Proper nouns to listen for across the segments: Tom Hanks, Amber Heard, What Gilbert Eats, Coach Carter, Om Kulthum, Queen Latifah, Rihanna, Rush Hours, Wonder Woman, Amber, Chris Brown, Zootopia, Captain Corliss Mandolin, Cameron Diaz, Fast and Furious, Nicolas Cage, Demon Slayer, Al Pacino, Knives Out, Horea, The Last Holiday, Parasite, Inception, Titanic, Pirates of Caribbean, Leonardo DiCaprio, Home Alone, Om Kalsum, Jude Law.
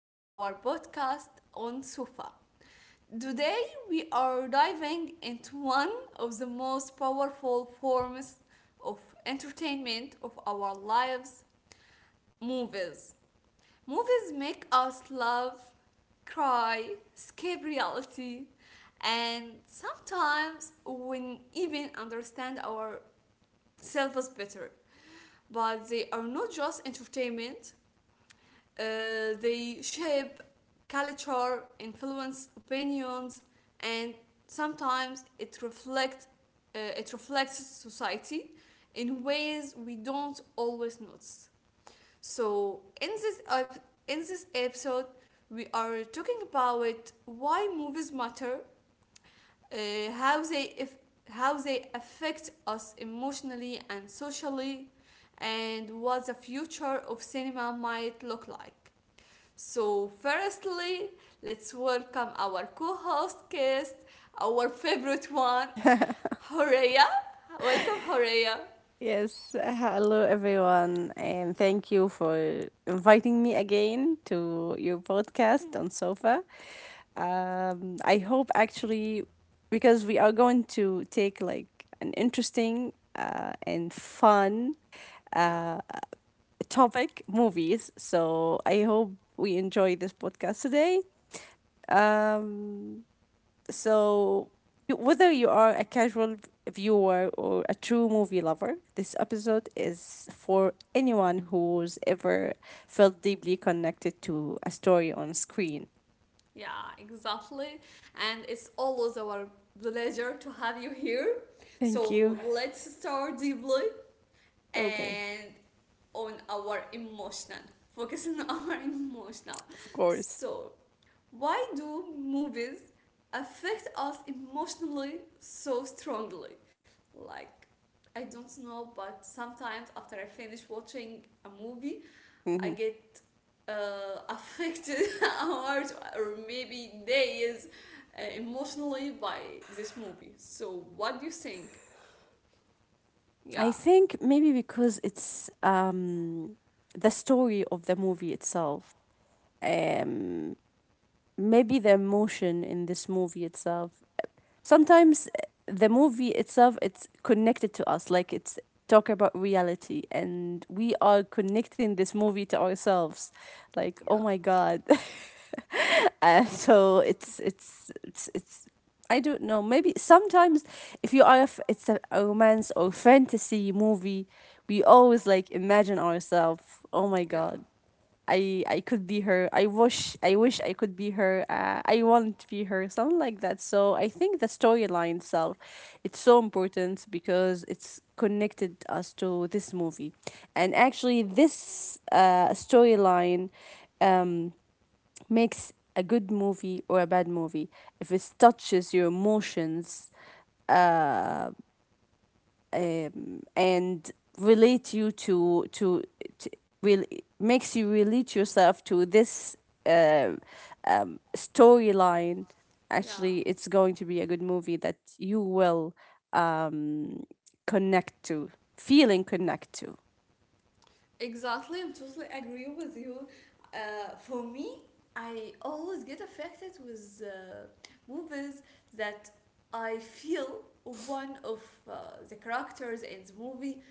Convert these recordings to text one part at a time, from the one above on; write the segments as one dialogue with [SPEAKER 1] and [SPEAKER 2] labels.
[SPEAKER 1] of our podcast on Sufa. Today, we are diving into one of the most powerful forms of entertainment of our lives, movies. Movies make us laugh, cry, escape reality, and sometimes we even understand ourselves better. But they are not just entertainment, they shape culture, influence opinions, and sometimes it reflects society in ways we don't always notice. So, in this episode, we are talking about why movies matter, how they if how they affect us emotionally and socially, and what the future of cinema might look like. So, firstly, let's welcome our co host guest, our favorite one, Horea. Welcome, Horea.
[SPEAKER 2] Yes, hello everyone, and thank you for inviting me again to your podcast on Sofa. I hope actually, because we are going to take like an interesting and fun
[SPEAKER 1] Yeah,
[SPEAKER 2] uh, topic movies. So I hope we enjoy this podcast today. Um, so, Whether you are a casual viewer or a true movie lover, this episode is for anyone who's ever felt deeply connected to a story on screen.
[SPEAKER 1] yeah, exactly. And it's always our pleasure to have you here.
[SPEAKER 2] Thank
[SPEAKER 1] So,
[SPEAKER 2] you.
[SPEAKER 1] let's start deeply
[SPEAKER 2] Okay,
[SPEAKER 1] and on our emotional, focusing on our emotional.
[SPEAKER 2] of course.
[SPEAKER 1] So, why do movies affect us emotionally so strongly? Like, I don't know, but sometimes after I finish watching a movie, I
[SPEAKER 2] hmm
[SPEAKER 1] get affected hours or maybe days, emotionally by this movie. So, what do you think?
[SPEAKER 2] I
[SPEAKER 1] Yeah,
[SPEAKER 2] think maybe because it's the story of the movie itself, um, maybe the emotion in this movie itself, sometimes, the movie itself, it's connected to us, like it's talk about reality and we are connecting this movie to ourselves, like oh
[SPEAKER 1] yeah,
[SPEAKER 2] my god. And so it's I don't know. Maybe sometimes if you are, if it's a romance or fantasy movie, we always like imagine ourselves. Oh my
[SPEAKER 1] yeah,
[SPEAKER 2] god, I could be her. I wish I could be her. I want to be her. Something like that. So I think the storyline itself, it's so important because it's connected us to this movie, and actually this storyline um makes a good movie or a bad movie if it touches your emotions uh and relate you to real makes you relate yourself to this uh, storyline.
[SPEAKER 1] yeah.
[SPEAKER 2] Actually, it's going to be a good movie that you will um, connect to, feeling connect to.
[SPEAKER 1] Exactly, I'm totally agree with you. For me, I always get affected with movies that I feel one of uh, the characters in the movie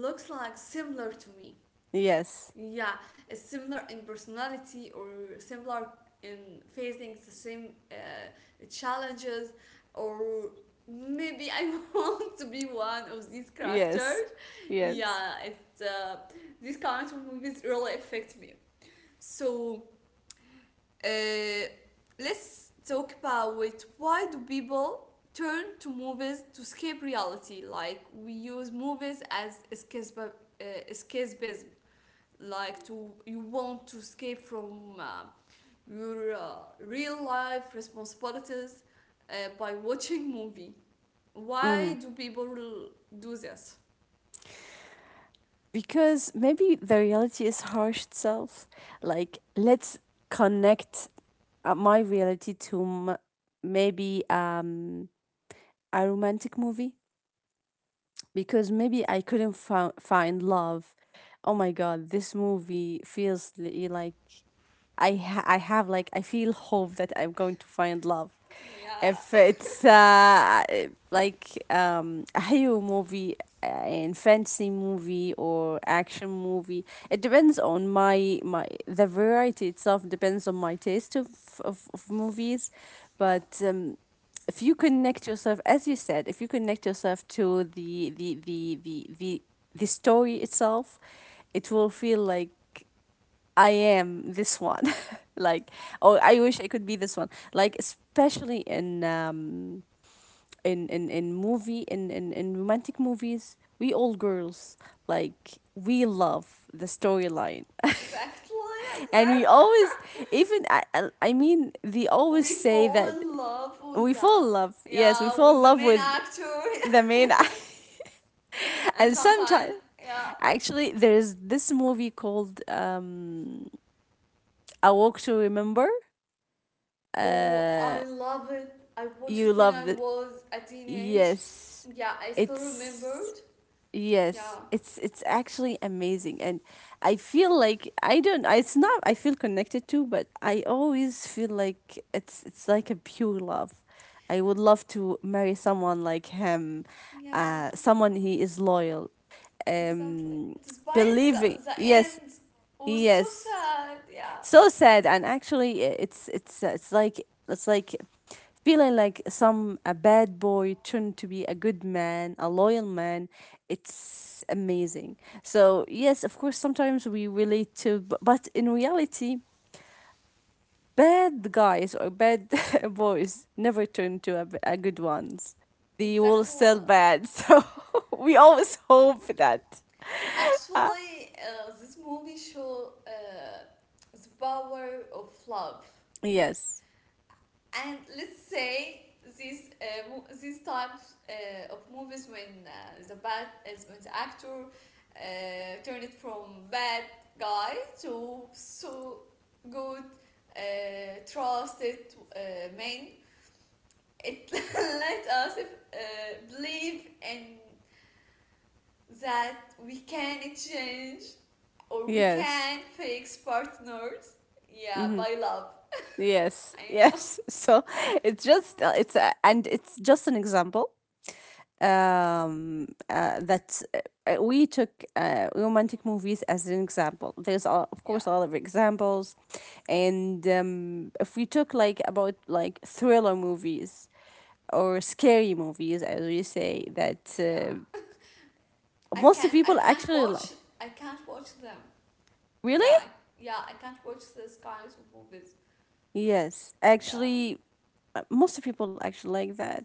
[SPEAKER 1] looks like similar to me.
[SPEAKER 2] Yes,
[SPEAKER 1] Yeah, it's similar in personality or similar in facing the same challenges, or maybe I want to be one of these
[SPEAKER 2] yes,
[SPEAKER 1] characters.
[SPEAKER 2] yes.
[SPEAKER 1] Yeah, it these kinds of movies really affect me. So uh, let's talk about it. Why do people turn to movies to escape reality? Like, we use movies as escape, escapism, like to you want to escape from your real life responsibilities, uh, by watching movie. Why
[SPEAKER 2] hmm
[SPEAKER 1] do people do this?
[SPEAKER 2] Because maybe the reality is harsh itself. Like, let's connect my reality to maybe a romantic movie, because maybe I couldn't find love. Oh my god, this movie feels like I have, like I feel hope that I'm going to find love. If
[SPEAKER 1] Yeah.
[SPEAKER 2] it's like a hero movie, and fantasy movie or action movie, it depends on my the variety itself depends on my taste of of movies,
[SPEAKER 1] Yeah.
[SPEAKER 2] but if you connect yourself, as you said, if you connect yourself to the story itself, it will feel like I am this one. Like, oh I wish I could be this one, like especially in in movie, in romantic movies, we all girls, like we love the storyline.
[SPEAKER 1] Exactly,
[SPEAKER 2] And we
[SPEAKER 1] exactly.
[SPEAKER 2] always, even I mean, they always
[SPEAKER 1] We
[SPEAKER 2] say
[SPEAKER 1] fall
[SPEAKER 2] that
[SPEAKER 1] in love with
[SPEAKER 2] we
[SPEAKER 1] the,
[SPEAKER 2] fall in love. Yes, we
[SPEAKER 1] yeah,
[SPEAKER 2] fall in
[SPEAKER 1] with the
[SPEAKER 2] love
[SPEAKER 1] main
[SPEAKER 2] with
[SPEAKER 1] actor,
[SPEAKER 2] the main.
[SPEAKER 1] and
[SPEAKER 2] And sometimes,
[SPEAKER 1] sometimes, yeah.
[SPEAKER 2] actually there's this movie called A Walk to Remember.
[SPEAKER 1] Oh,
[SPEAKER 2] Uh
[SPEAKER 1] I love it. I watched it
[SPEAKER 2] you
[SPEAKER 1] when
[SPEAKER 2] love
[SPEAKER 1] I
[SPEAKER 2] the
[SPEAKER 1] was a teenage.
[SPEAKER 2] yes
[SPEAKER 1] Yeah, I still
[SPEAKER 2] it's
[SPEAKER 1] remembered. Yeah.
[SPEAKER 2] Yes, it's actually amazing, and I feel like I don't, it's not I feel connected to, but I always feel like it's like a pure love. I would love to marry someone like him,
[SPEAKER 1] Yeah,
[SPEAKER 2] someone he is loyal,
[SPEAKER 1] exactly.
[SPEAKER 2] um,
[SPEAKER 1] Despite the
[SPEAKER 2] believing.
[SPEAKER 1] end
[SPEAKER 2] Yes,
[SPEAKER 1] was so
[SPEAKER 2] yes.
[SPEAKER 1] sad, yeah.
[SPEAKER 2] So sad, and actually, it's like, it's like feeling like some a bad boy turned to be a good man, a loyal man. It's amazing. So yes, of course, sometimes we relate to, but in reality. Bad guys or bad boys never turn to a, a good ones. They will
[SPEAKER 1] Exactly.
[SPEAKER 2] still bad. So we always hope that. Ah,
[SPEAKER 1] Actually, this movie show the power of love.
[SPEAKER 2] yes.
[SPEAKER 1] And let's say these types of movies, when the bad is, when the actor turn it from bad guy to so good, uh, trusted uh, man, it let us believe in that we can change or we
[SPEAKER 2] Yes.
[SPEAKER 1] can fix partners,
[SPEAKER 2] hmm
[SPEAKER 1] yeah, by love.
[SPEAKER 2] Yes.
[SPEAKER 1] I know.
[SPEAKER 2] Yes. So it's just and it's just an example, that we took, romantic movies as an example. There's a, of course,
[SPEAKER 1] Yeah.
[SPEAKER 2] a lot of examples, and if we took like about like thriller movies or scary movies, as we say,
[SPEAKER 1] Oh,
[SPEAKER 2] that
[SPEAKER 1] yeah. I
[SPEAKER 2] most of
[SPEAKER 1] can't I
[SPEAKER 2] people
[SPEAKER 1] can't
[SPEAKER 2] actually
[SPEAKER 1] watch
[SPEAKER 2] like.
[SPEAKER 1] I can't watch them.
[SPEAKER 2] Really?
[SPEAKER 1] Yeah. I, yeah, I can't watch these kinds of movies.
[SPEAKER 2] Yes,
[SPEAKER 1] Yeah.
[SPEAKER 2] actually, most of people actually like that.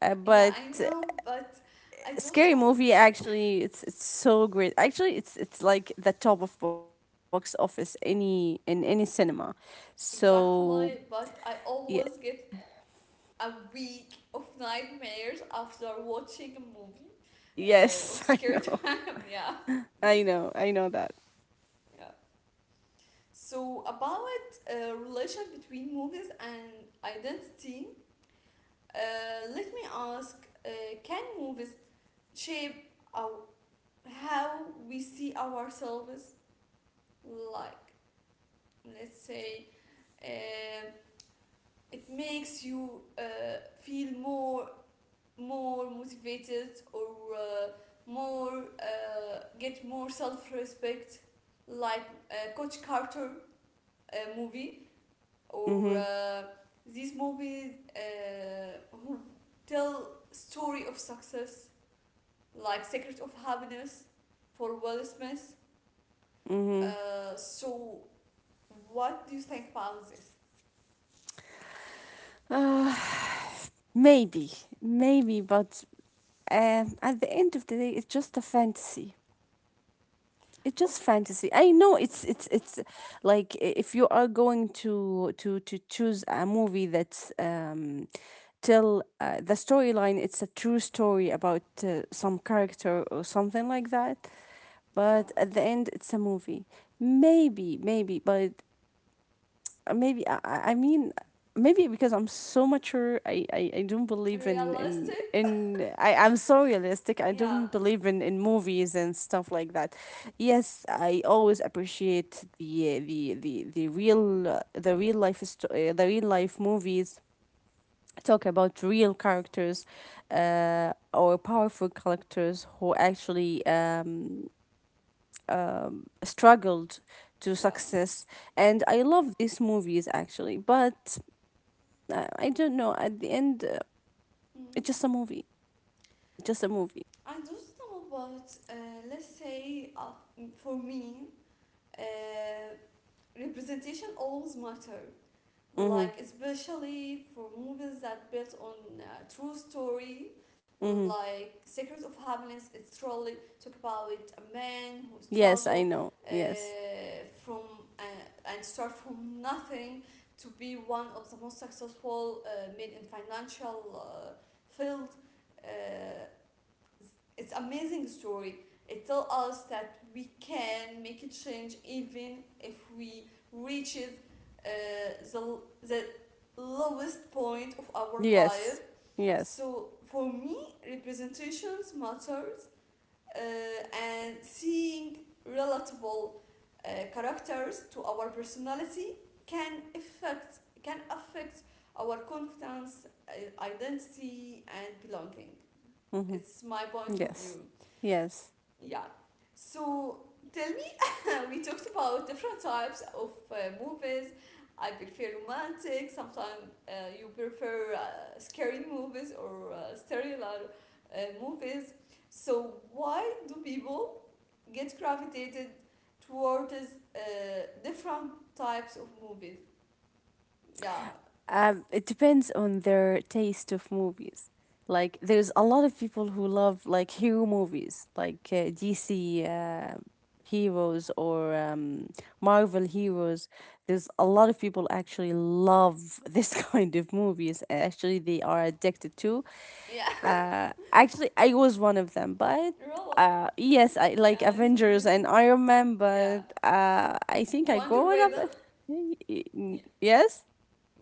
[SPEAKER 1] Yeah,
[SPEAKER 2] But
[SPEAKER 1] I know, but I don't
[SPEAKER 2] Scary
[SPEAKER 1] know.
[SPEAKER 2] Movie actually it's so great. Actually, it's like the top of box office any in any cinema. So
[SPEAKER 1] Exactly, but I
[SPEAKER 2] yeah,
[SPEAKER 1] always get a week of nightmares after watching a movie, of
[SPEAKER 2] yes, I
[SPEAKER 1] scare
[SPEAKER 2] know,
[SPEAKER 1] time. Yeah.
[SPEAKER 2] I know, I know that.
[SPEAKER 1] Yeah. So, about relation between movies and identity, let me ask: uh, can movies shape our, how we see ourselves? Like, let's say, uh, it makes you feel more motivated, or more, get more self-respect, like Coach Carter movie, or
[SPEAKER 2] Mhm,
[SPEAKER 1] these movies who tell story of success, like Secret of Happiness for Will Smith,
[SPEAKER 2] mhm.
[SPEAKER 1] so, what do you think about this?
[SPEAKER 2] Uh, maybe, maybe, but at the end of the day, it's just a fantasy. It's
[SPEAKER 1] Oh,
[SPEAKER 2] just fantasy. I know it's like if you are going to choose a movie that's tell the storyline, it's a true story about some character or something like that,
[SPEAKER 1] yeah.
[SPEAKER 2] but at the end it's a movie. Maybe maybe but maybe I mean, maybe because I'm so mature, I don't believe in
[SPEAKER 1] Realistic?
[SPEAKER 2] in I'm so realistic, I
[SPEAKER 1] Yeah,
[SPEAKER 2] don't believe in movies and stuff like that. Yes, I always appreciate the real life the real life movies, talk about real characters, or powerful characters who actually, struggled to
[SPEAKER 1] yeah.
[SPEAKER 2] success, and I love these movies actually, but I don't know, at the end,
[SPEAKER 1] Mm.
[SPEAKER 2] it's just a movie, just a movie.
[SPEAKER 1] I don't know about, let's say, for me, uh, representation always matter,
[SPEAKER 2] Mm-hmm.
[SPEAKER 1] like especially for movies that built on true story,
[SPEAKER 2] Mm-hmm.
[SPEAKER 1] like Secret of Happiness. It's really talk about a man who
[SPEAKER 2] Yes
[SPEAKER 1] struggled,
[SPEAKER 2] I know,
[SPEAKER 1] uh,
[SPEAKER 2] yes,
[SPEAKER 1] from, uh, and start from nothing to be one of the most successful men in financial field. uh, it's amazing story. It tells us that we can make a change even if we reach it, uh, the lowest point of our life.
[SPEAKER 2] yes, yes,
[SPEAKER 1] So, for me, representations matters, uh, and seeing relatable characters to our personality can affect our confidence, identity and belonging.
[SPEAKER 2] mm-hmm,
[SPEAKER 1] It's my point of
[SPEAKER 2] yes,
[SPEAKER 1] view.
[SPEAKER 2] yes.
[SPEAKER 1] Yeah. So, tell me, we talked about different types of movies. I prefer romantic. Sometimes you prefer scary movies or sterile movies. So, why do people get gravitated towards different types of movies? Yeah.
[SPEAKER 2] It depends on their taste of movies. Like, there's a lot of people who love like hero movies, like DC heroes or Marvel heroes. There's a lot of people actually love this kind of movies. Actually, they are addicted to.
[SPEAKER 1] Yeah.
[SPEAKER 2] Actually, I was one of them, but
[SPEAKER 1] Real.
[SPEAKER 2] yes, I like
[SPEAKER 1] Yeah, it's
[SPEAKER 2] Avengers and
[SPEAKER 1] amazing.
[SPEAKER 2] Iron Man,
[SPEAKER 1] Yeah.
[SPEAKER 2] but I think I
[SPEAKER 1] Wonder
[SPEAKER 2] grew up.
[SPEAKER 1] Woman. Yeah.
[SPEAKER 2] Yes.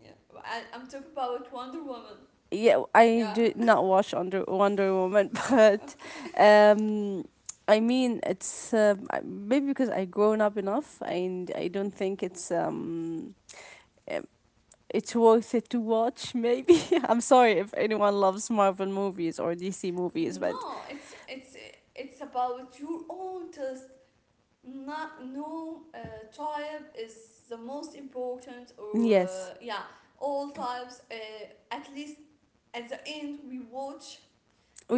[SPEAKER 1] Yeah. I'm talking about Wonder Woman.
[SPEAKER 2] Yeah, I
[SPEAKER 1] Yeah,
[SPEAKER 2] did not watch under Wonder Woman, but
[SPEAKER 1] okay.
[SPEAKER 2] um, I mean, it's maybe because I grown up enough, and I don't think it's worth it to watch. Maybe I'm sorry if anyone loves Marvel movies or DC movies, but
[SPEAKER 1] No, it's about your own taste. Not no tribe is the most important, or
[SPEAKER 2] yes,
[SPEAKER 1] yeah, all types. At least at the end, we watch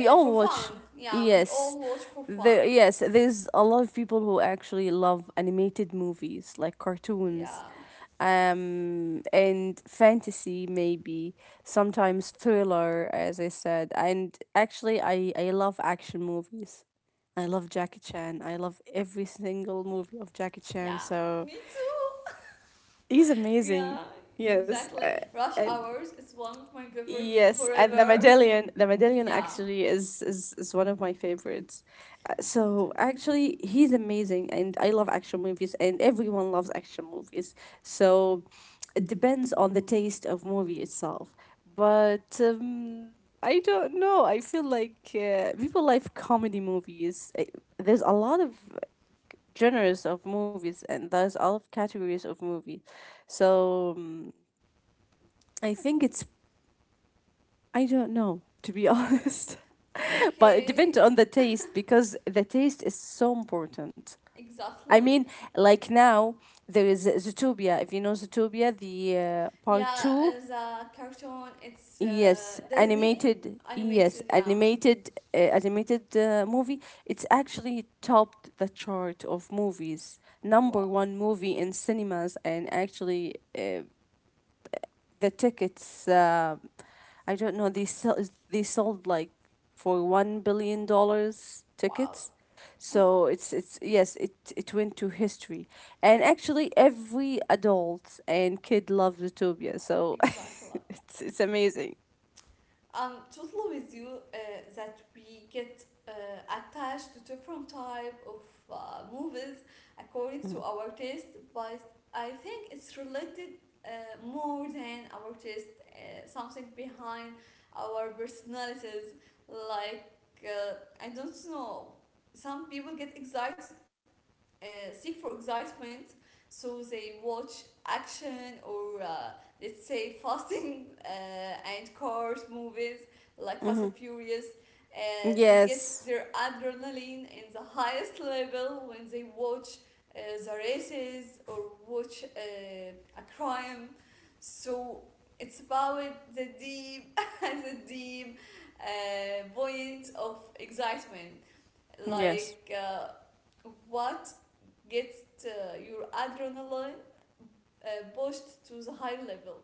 [SPEAKER 1] for
[SPEAKER 2] all
[SPEAKER 1] fun.
[SPEAKER 2] watch.
[SPEAKER 1] Yeah, we all
[SPEAKER 2] Yes,
[SPEAKER 1] watch for fun.
[SPEAKER 2] there yes there's a lot of people who actually love animated movies like cartoons,
[SPEAKER 1] Yeah,
[SPEAKER 2] and fantasy, maybe sometimes thriller, as I said, and actually I love action movies. I love Jackie Chan, I love every single movie of Jackie Chan,
[SPEAKER 1] yeah.
[SPEAKER 2] so
[SPEAKER 1] Me too.
[SPEAKER 2] he's amazing,
[SPEAKER 1] Yeah,
[SPEAKER 2] yes.
[SPEAKER 1] exactly. Rush
[SPEAKER 2] And
[SPEAKER 1] Hours is one of my favorite
[SPEAKER 2] Yes, and The
[SPEAKER 1] forever.
[SPEAKER 2] Medallion, The Medallion
[SPEAKER 1] Yeah.
[SPEAKER 2] actually is one of my favorites. So
[SPEAKER 1] exact-
[SPEAKER 2] actually, he's amazing, and I love action movies, and everyone loves action movies. So it depends on the taste of movie itself. But I don't know. I feel like people like comedy movies. There's a lot of genres of movies, and there's a lot of categories of movies. So I think it's I don't know, to be honest. But it depends
[SPEAKER 1] Okay,
[SPEAKER 2] on the taste, because the taste is so important. I
[SPEAKER 1] exactly.
[SPEAKER 2] mean, like now there is Zootopia. If you know Zootopia, the
[SPEAKER 1] Yeah,
[SPEAKER 2] part two,
[SPEAKER 1] uh, the cartoon, it's Disney
[SPEAKER 2] yes,
[SPEAKER 1] animated, yeah.
[SPEAKER 2] animated, animated movie. It's actually topped the chart of movies, number
[SPEAKER 1] Wow,
[SPEAKER 2] one movie in cinemas, and actually the tickets. I don't know. They sell. They sold like for $1 billion
[SPEAKER 1] wow,
[SPEAKER 2] tickets. So it's yes, it went to history, and actually every adult and kid loves Zootopia. So
[SPEAKER 1] exactly.
[SPEAKER 2] it's amazing.
[SPEAKER 1] I'm totally with you uh, that we get attached to different type of movies according to our taste, but I think it's related more than our taste, something behind our personalities. Like, uh, I don't know, some people get excited, uh, seek for excitement, so they watch action or, let's say, fasting and cars movies like Fast
[SPEAKER 2] Mm-hmm.
[SPEAKER 1] and Furious. uh, they get
[SPEAKER 2] Yes.
[SPEAKER 1] their adrenaline in the highest level when they watch uh, the races, or watch a crime. So, it's about the deep, the deep point of excitement,
[SPEAKER 2] Yes.
[SPEAKER 1] like what gets your adrenaline pushed to the high level.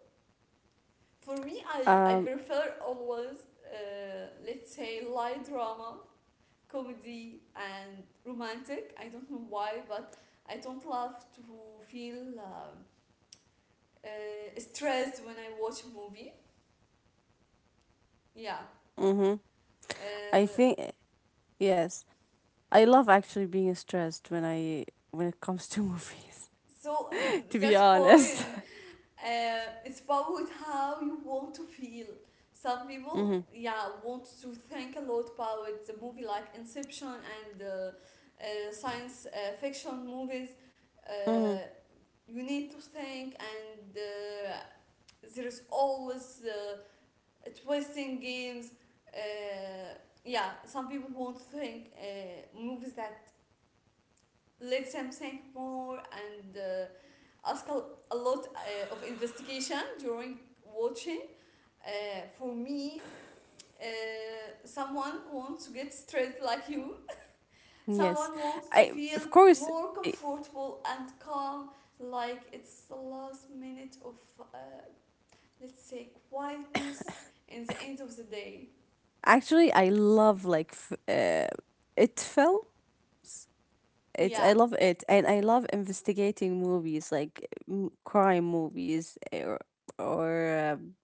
[SPEAKER 1] For me, I
[SPEAKER 2] Um.
[SPEAKER 1] prefer always, let's say, light drama, comedy, and romantic. I don't know why, but I don't love to feel stressed when I watch a movie. Yeah.
[SPEAKER 2] Mm-hmm. I
[SPEAKER 1] Uh,
[SPEAKER 2] think yes. I love actually being stressed when I, when it comes to movies.
[SPEAKER 1] so,
[SPEAKER 2] To be
[SPEAKER 1] that's
[SPEAKER 2] honest.
[SPEAKER 1] point. It's about how you want to feel. Some people,
[SPEAKER 2] Mm-hmm.
[SPEAKER 1] yeah, want to think a lot about the movie, like Inception and science fiction movies.
[SPEAKER 2] Mm-hmm.
[SPEAKER 1] Uh, you need to think, and there is always twisting games. Uh, yeah, some people want to think movies that lets him think more, and ask a, lot of investigation during watching. For me, uh, someone wants to get stressed like you.
[SPEAKER 2] Yes.
[SPEAKER 1] Someone wants to
[SPEAKER 2] I
[SPEAKER 1] feel
[SPEAKER 2] of course.
[SPEAKER 1] more comfortable and calm, like it's the last minute of, let's say, quietness in the end of the day.
[SPEAKER 2] Actually, I love like it films. It
[SPEAKER 1] Yeah,
[SPEAKER 2] I love it, and I love investigating movies like crime movies, eh, or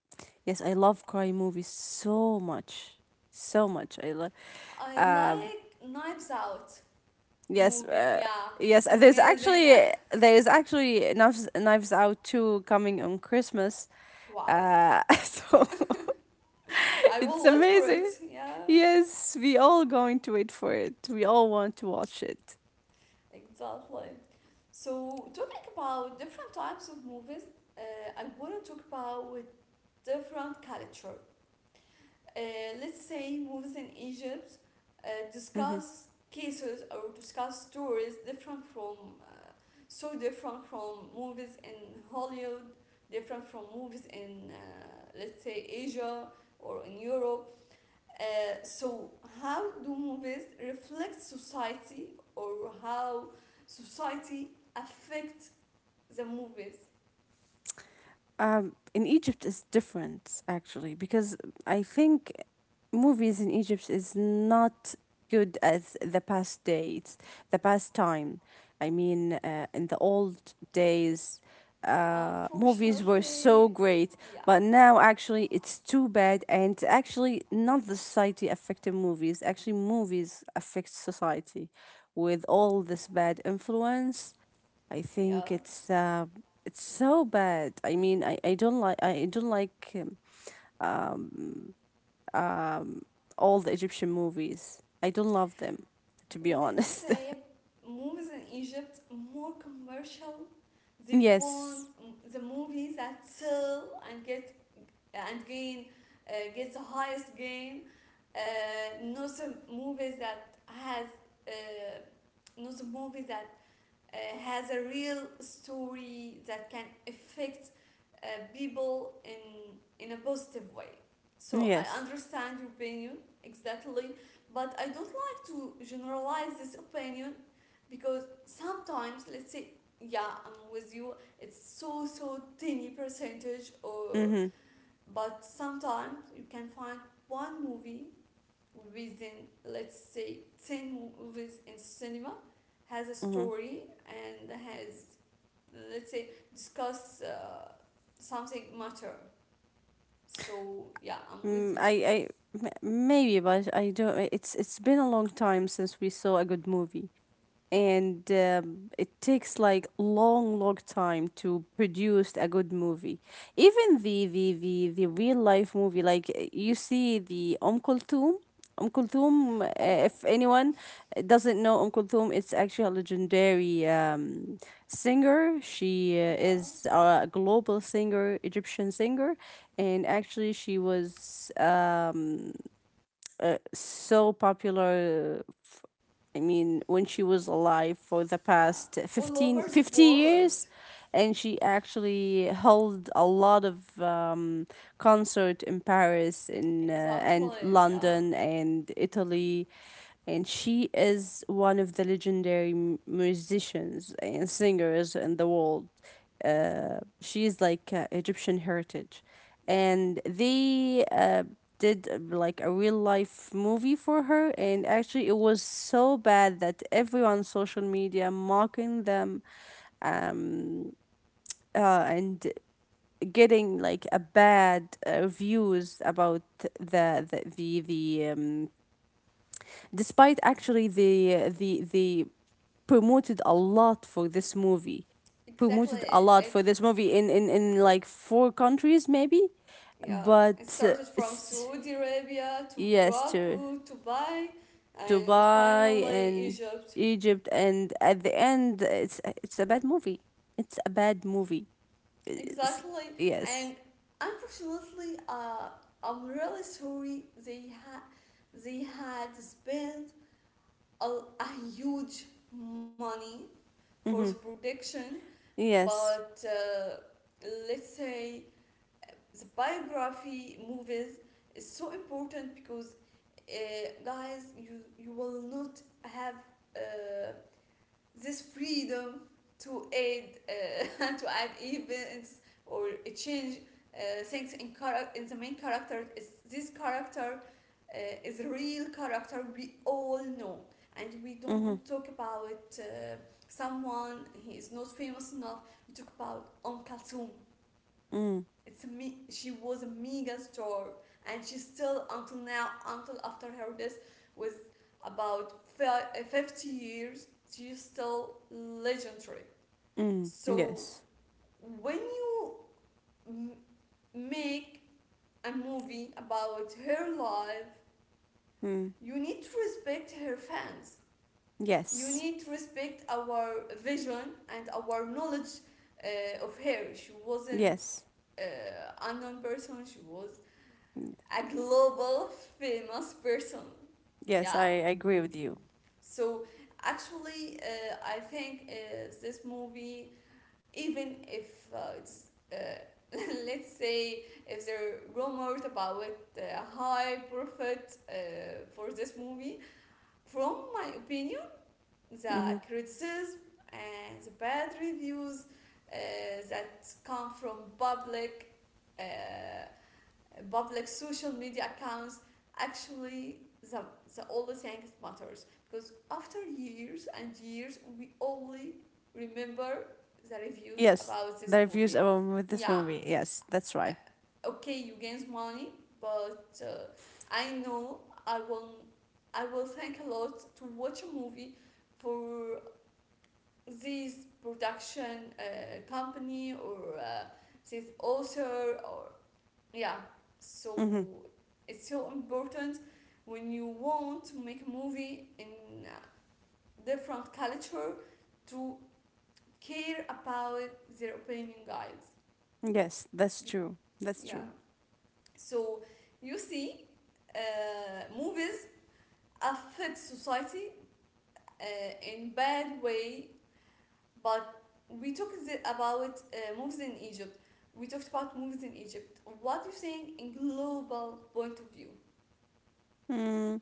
[SPEAKER 2] yes, I love crime movies so much, so much. I love.
[SPEAKER 1] I
[SPEAKER 2] Um,
[SPEAKER 1] like Knives Out
[SPEAKER 2] yes,
[SPEAKER 1] movie. Yeah,
[SPEAKER 2] yes.
[SPEAKER 1] it's
[SPEAKER 2] Uh, there's
[SPEAKER 1] amazing.
[SPEAKER 2] actually there is actually Knives Out two coming on Christmas.
[SPEAKER 1] Wow.
[SPEAKER 2] So
[SPEAKER 1] I
[SPEAKER 2] it's
[SPEAKER 1] will wait for it.
[SPEAKER 2] amazing.
[SPEAKER 1] Yeah,
[SPEAKER 2] Yes, we all going to wait for it. We all want to watch it.
[SPEAKER 1] exactly. So, talking about different types of movies, I want to talk about with different culture. Uh, let's say movies in Egypt discuss cases, or discuss stories different from, so different from movies in Hollywood, different from movies in, let's say, Asia, or in Europe. So, how do movies reflect society, or how society affect the movies?
[SPEAKER 2] In Egypt is different actually, because I think movies in Egypt is not good as the past days, the past time. I mean, in the old days, movies were
[SPEAKER 1] Unfortunately,
[SPEAKER 2] so great,
[SPEAKER 1] yeah.
[SPEAKER 2] but now actually it's too bad, and actually not the society affecting movies. Actually, movies affect society with all this bad influence. I
[SPEAKER 1] Yeah,
[SPEAKER 2] think it's so bad. I mean, I don't like um, all the Egyptian movies. I don't love them, to be
[SPEAKER 1] let's
[SPEAKER 2] honest.
[SPEAKER 1] say movies in Egypt more commercial. They
[SPEAKER 2] Yes,
[SPEAKER 1] want the movies that sell and get and gain, get the highest gain, not the movies that uh, not the movies that has a real story that can affect uh, people in a positive way. So, I
[SPEAKER 2] yes.
[SPEAKER 1] understand your opinion exactly, but I don't like to generalize this opinion, because sometimes, let's say, yeah, I'm with you. It's so tiny percentage, or
[SPEAKER 2] Mhm,
[SPEAKER 1] but sometimes you can find one movie within, let's say, 10 movies in cinema has a
[SPEAKER 2] mhm.
[SPEAKER 1] story and has, let's say, discuss something matter. So, yeah, I'm with
[SPEAKER 2] Mm, I
[SPEAKER 1] you.
[SPEAKER 2] I Maybe, but I don't. It's been a long time since we saw a good movie. And it takes like long long time to produce a good movie, even the real life movie, like you see the Om Kulthum, Om Kulthum,
[SPEAKER 1] Oh,
[SPEAKER 2] if anyone doesn't know Om Kulthum, it's actually a legendary singer. She
[SPEAKER 1] yeah.
[SPEAKER 2] is a global singer, Egyptian singer, and actually she was so popular. I mean, when she was alive for the
[SPEAKER 1] Yeah,
[SPEAKER 2] past
[SPEAKER 1] all
[SPEAKER 2] 15,
[SPEAKER 1] over the
[SPEAKER 2] fifty
[SPEAKER 1] world.
[SPEAKER 2] years, and she actually held a lot of concert in Paris in, and
[SPEAKER 1] Exactly. Yeah.
[SPEAKER 2] London and Italy, and she is one of the legendary musicians and singers in the world. She is like Egyptian heritage,
[SPEAKER 1] Yeah,
[SPEAKER 2] and they did like a real life movie for her, and actually it was so bad that everyone on social media mocking them. Um, and getting like a bad reviews about the despite actually the promoted a lot for this movie,
[SPEAKER 1] exactly.
[SPEAKER 2] promoted a lot for
[SPEAKER 1] It.
[SPEAKER 2] this movie in like four countries maybe,
[SPEAKER 1] Yeah, it
[SPEAKER 2] but
[SPEAKER 1] started from
[SPEAKER 2] it's.
[SPEAKER 1] Saudi Arabia to
[SPEAKER 2] Yes, to
[SPEAKER 1] Morocco, Dubai, and
[SPEAKER 2] Dubai
[SPEAKER 1] finally
[SPEAKER 2] and
[SPEAKER 1] Egypt.
[SPEAKER 2] Egypt, and at the end it's a bad movie. It's a bad movie. It's-
[SPEAKER 1] Exactly, and
[SPEAKER 2] yes.
[SPEAKER 1] unfortunately, I'm really sorry. They had spent a, huge money for the
[SPEAKER 2] Mm-hmm.
[SPEAKER 1] production,
[SPEAKER 2] Yes.
[SPEAKER 1] but let's say the biography movies is so important, because guys, you will not have uh, this freedom to aid to add events, or change things in in the main character. Is this character, uh, is a real character we all know, and we
[SPEAKER 2] Mm-hmm.
[SPEAKER 1] don't talk about uh, someone he is not famous enough. We talk about Om Kalsum.
[SPEAKER 2] Mm.
[SPEAKER 1] It's a me, she was a mega star, and she still until now, until after her death was about, 50 years, she's still legendary.
[SPEAKER 2] Mm,
[SPEAKER 1] So,
[SPEAKER 2] yes.
[SPEAKER 1] when you m- make a movie about her life,
[SPEAKER 2] Mm.
[SPEAKER 1] you need to respect her fans. You
[SPEAKER 2] Yes.
[SPEAKER 1] need to respect our vision and our knowledge of her. She wasn't
[SPEAKER 2] Yes.
[SPEAKER 1] unknown person. She was a global famous person.
[SPEAKER 2] yes i,
[SPEAKER 1] Yeah.
[SPEAKER 2] I agree with you.
[SPEAKER 1] So actually, I think this movie, even if it's uh, let's say if there are rumors about uh, high profit for this movie, from my opinion, the
[SPEAKER 2] Mm-hmm.
[SPEAKER 1] criticism and the bad reviews uh, that come from uh, public social media accounts actually the only thing matters, because after years and years we only remember the reviews
[SPEAKER 2] Yes,
[SPEAKER 1] about
[SPEAKER 2] the
[SPEAKER 1] this
[SPEAKER 2] reviews
[SPEAKER 1] movie.
[SPEAKER 2] with this
[SPEAKER 1] Yeah.
[SPEAKER 2] movie. Yes, that's right.
[SPEAKER 1] Okay, you gains money, but I know i will I will thank a lot to watch a movie for this production company, or this author, or yeah. So
[SPEAKER 2] Hmm.
[SPEAKER 1] it's so important when you want to make a movie in a different culture, to care about their opinion, guys.
[SPEAKER 2] Yes, that's
[SPEAKER 1] Be-
[SPEAKER 2] true. That's
[SPEAKER 1] yeah.
[SPEAKER 2] true.
[SPEAKER 1] So you see movies affect society uh, in bad way. But we about movies in Egypt. We talked about movies in Egypt. What do you think in global point of view?
[SPEAKER 2] Mm,